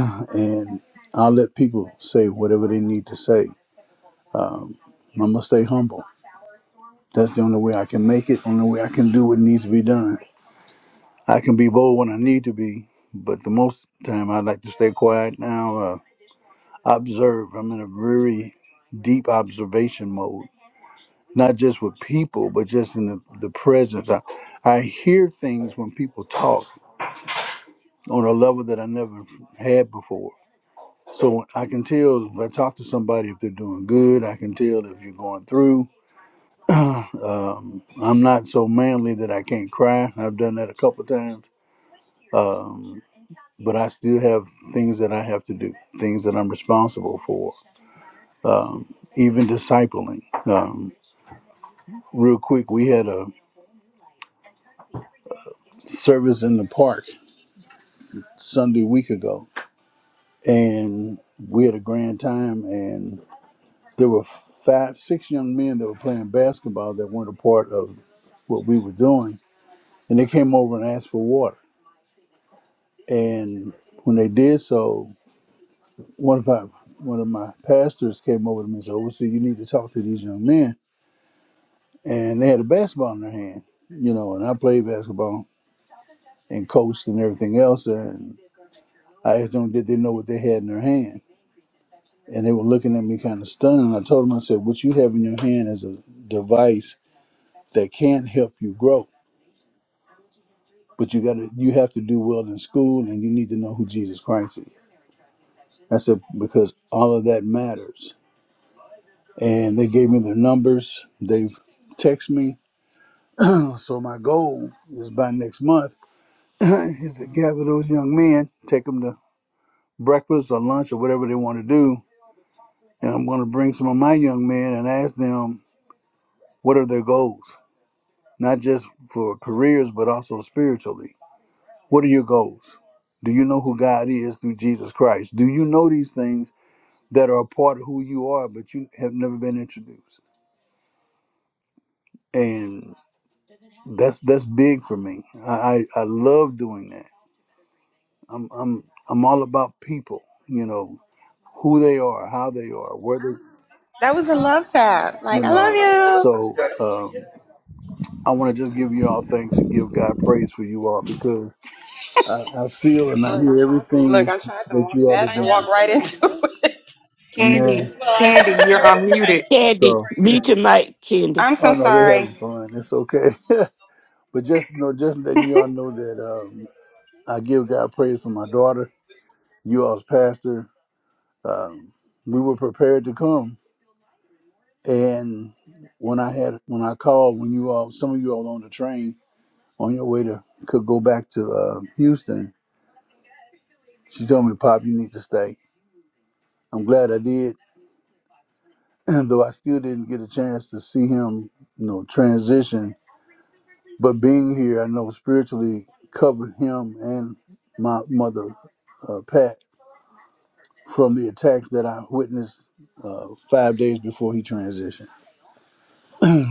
Speaker 9: and I'll let people say whatever they need to say. Um, i must stay humble. That's the only way I can make it, only way I can do what needs to be done. I can be bold when I need to be, but the most time I like to stay quiet now. Uh, observe. I'm in a very deep observation mode, not just with people, but just in the, the presence. I, I hear things when people talk on a level that I never had before. So I can tell if I talk to somebody if they're doing good. I can tell if you're going through. Um, I'm not so manly that I can't cry. I've done that a couple of times. Um, but I still have things that I have to do, things that I'm responsible for, um, even discipling. Um, real quick, we had a service in the park Sunday week ago, and we had a grand time, and there were five, six young men that were playing basketball that weren't a part of what we were doing, and they came over and asked for water, and when they did so, one of our one of my pastors came over to me and said, "Oh, see, you need to talk to these young men." and they had a basketball in their hand, you know, and I played basketball and coached and everything else. And I asked them, did they know what they had in their hand? And they were looking at me kind of stunned. And I told them, I said, what you have in your hand is a device that can not help you grow, but you got to, you have to do well in school and you need to know who Jesus Christ is. I said, because all of that matters. And they gave me their numbers. They've texted me. So my goal is by next month is to gather those young men, take them to breakfast or lunch or whatever they want to do. And I'm going to bring some of my young men and ask them what are their goals, not just for careers, but also spiritually. What are your goals? Do you know who God is through Jesus Christ? Do you know these things that are a part of who you are, but you have never been introduced? And that's that's big for me. I I, I love doing that. I'm I'm I'm all about people. You know who they are, how they are, where they.
Speaker 6: That was a love tap.
Speaker 9: You
Speaker 6: Like, I
Speaker 9: know,
Speaker 6: love you.
Speaker 9: so um, I want to just give you all thanks and give God praise for you all because I, I feel and I hear
Speaker 6: Look,
Speaker 9: everything
Speaker 6: I tried to
Speaker 9: that
Speaker 6: walk
Speaker 9: you all
Speaker 6: past
Speaker 9: are
Speaker 6: and walk
Speaker 9: doing.
Speaker 6: right into it.
Speaker 4: Candy?
Speaker 9: Amen.
Speaker 4: Candy, you're unmuted.
Speaker 7: Candy,
Speaker 9: So,
Speaker 7: mute your mic, Candy.
Speaker 6: I'm so
Speaker 9: oh no, they
Speaker 6: sorry.
Speaker 9: having fun. It's okay. but just you know, just letting you all know that um, I give God praise for my daughter, you all's pastor. Um, we were prepared to come, and when I had when I called, when you all, some of you all on the train on your way to could go back to uh, Houston, she told me, "Pop, you need to stay." I'm glad I did and though I still didn't get a chance to see him, you know, transition, but being here, I know spiritually covered him and my mother, uh, Pat, from the attacks that I witnessed uh, five days before he transitioned.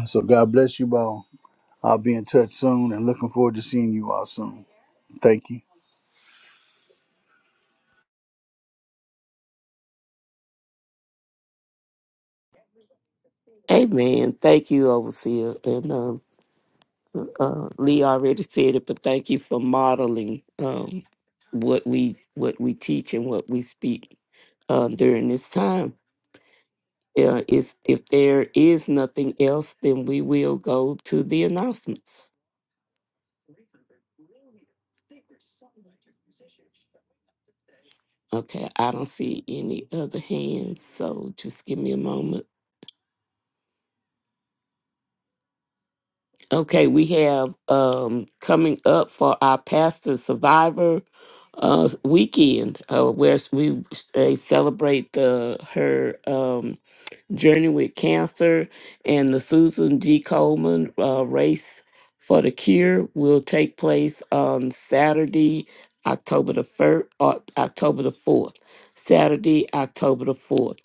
Speaker 9: So God bless you all. I'll be in touch soon and looking forward to seeing you all soon. Thank you.
Speaker 7: Amen. Thank you, Overseer. And um, uh, Lee already said it, but thank you for modeling um, what we what we teach and what we speak uh, during this time. Uh, it's, if there is nothing else, then we will go to the announcements. Okay, I don't see any other hands, so just give me a moment. Okay, we have um coming up for our Pastor Survivor uh weekend, uh where s- we s- they celebrate the her um Journey with Cancer and the Susan G. Coleman uh, Race for the Cure will take place on Saturday, October the first, October the fourth. Saturday, October the fourth,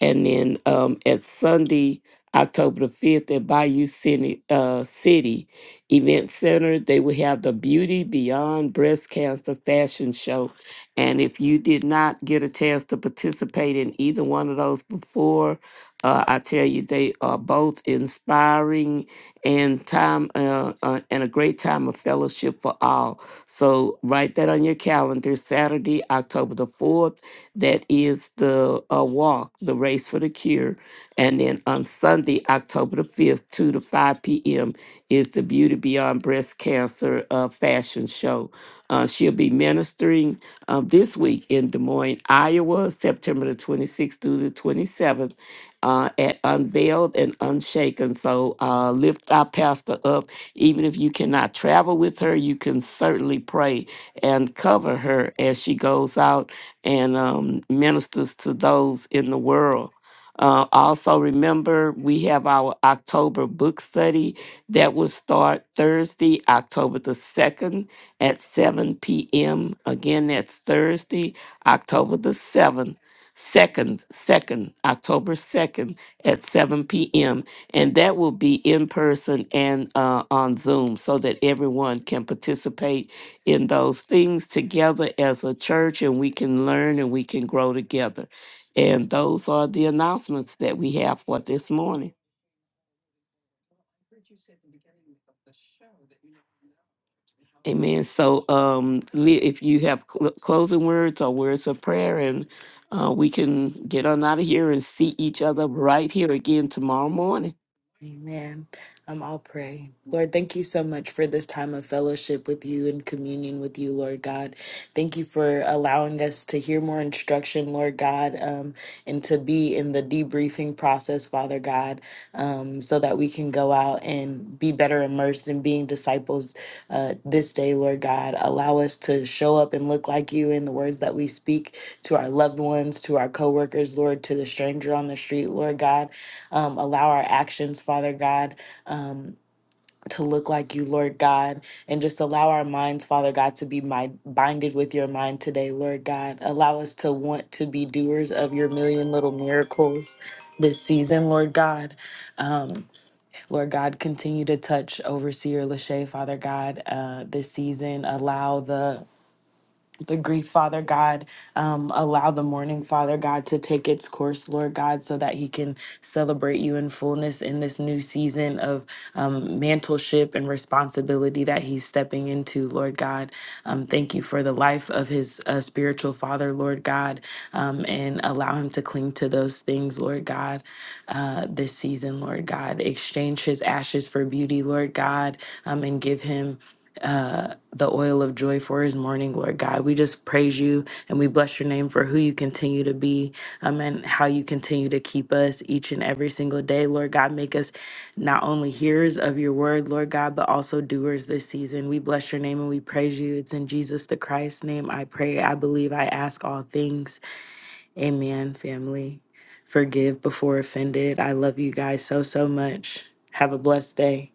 Speaker 7: and then um, at Sunday, October the fifth, at Bayou City, uh, City Event Center, they will have the Beauty Beyond Breast Cancer Fashion Show. And if you did not get a chance to participate in either one of those before, uh, I tell you, they are both inspiring and time uh, uh, and a great time of fellowship for all. So write that on your calendar. Saturday, October the fourth. That is the uh, walk, the race for the cure, and then on Sunday, October the fifth, two to five p.m. is the Beauty Beyond Breast Cancer uh, fashion show. Uh, she'll be ministering uh, this week in Des Moines, Iowa, September the twenty sixth through the twenty seventh uh, at Unveiled and Unshaken. So uh, lift our pastor up. Even if you cannot travel with her, you can certainly pray and cover her as she goes out and um, ministers to those in the world. Uh, also, remember we have our October book study that will start Thursday, October the 2nd at 7 p.m. Again, that's Thursday, October the 7th second, second, October second at seven p.m. and that will be in person and uh, on Zoom, so that everyone can participate in those things together as a church, and we can learn and we can grow together. And those are the announcements that we have for this morning. Amen. So, um, Leah, if you have cl- closing words or words of prayer, and uh, we can get on out of here and see each other right here again tomorrow morning.
Speaker 2: Amen. Um, I'll pray. Lord, thank you so much for this time of fellowship with you and communion with you, Lord God. Thank you for allowing us to hear more instruction, Lord God, um, and to be in the debriefing process, Father God, um, so that we can go out and be better immersed in being disciples uh, this day, Lord God. Allow us to show up and look like you in the words that we speak to our loved ones, to our coworkers, Lord, to the stranger on the street, Lord God. Um, allow our actions, Father God, um, to look like you, Lord God, and just allow our minds, Father God, to be my, binded with your mind today, Lord God. Allow us to want to be doers of your million little miracles this season, Lord God. Lord God, continue to touch Overseer Lachey, Father God, uh, this season. Allow the the grief, Father God. Um, allow the mourning, Father God, to take its course, Lord God, so that He can celebrate you in fullness in this new season of um, mantleship and responsibility that He's stepping into, Lord God. Um, thank you for the life of His uh, spiritual father, Lord God, um, and allow Him to cling to those things, Lord God, uh, this season, Lord God. Exchange His ashes for beauty, Lord God, um, and give Him the oil of joy for his morning, Lord God. We just praise you and we bless your name for who you continue to be um, and how you continue to keep us each and every single day, Lord God. Make us not only hearers of your word, Lord God, but also doers this season. We bless your name and we praise you. It's in Jesus the Christ's name I pray, I believe, I ask all things. Amen, family. Forgive before offended. I love you guys so, so much. Have a blessed day.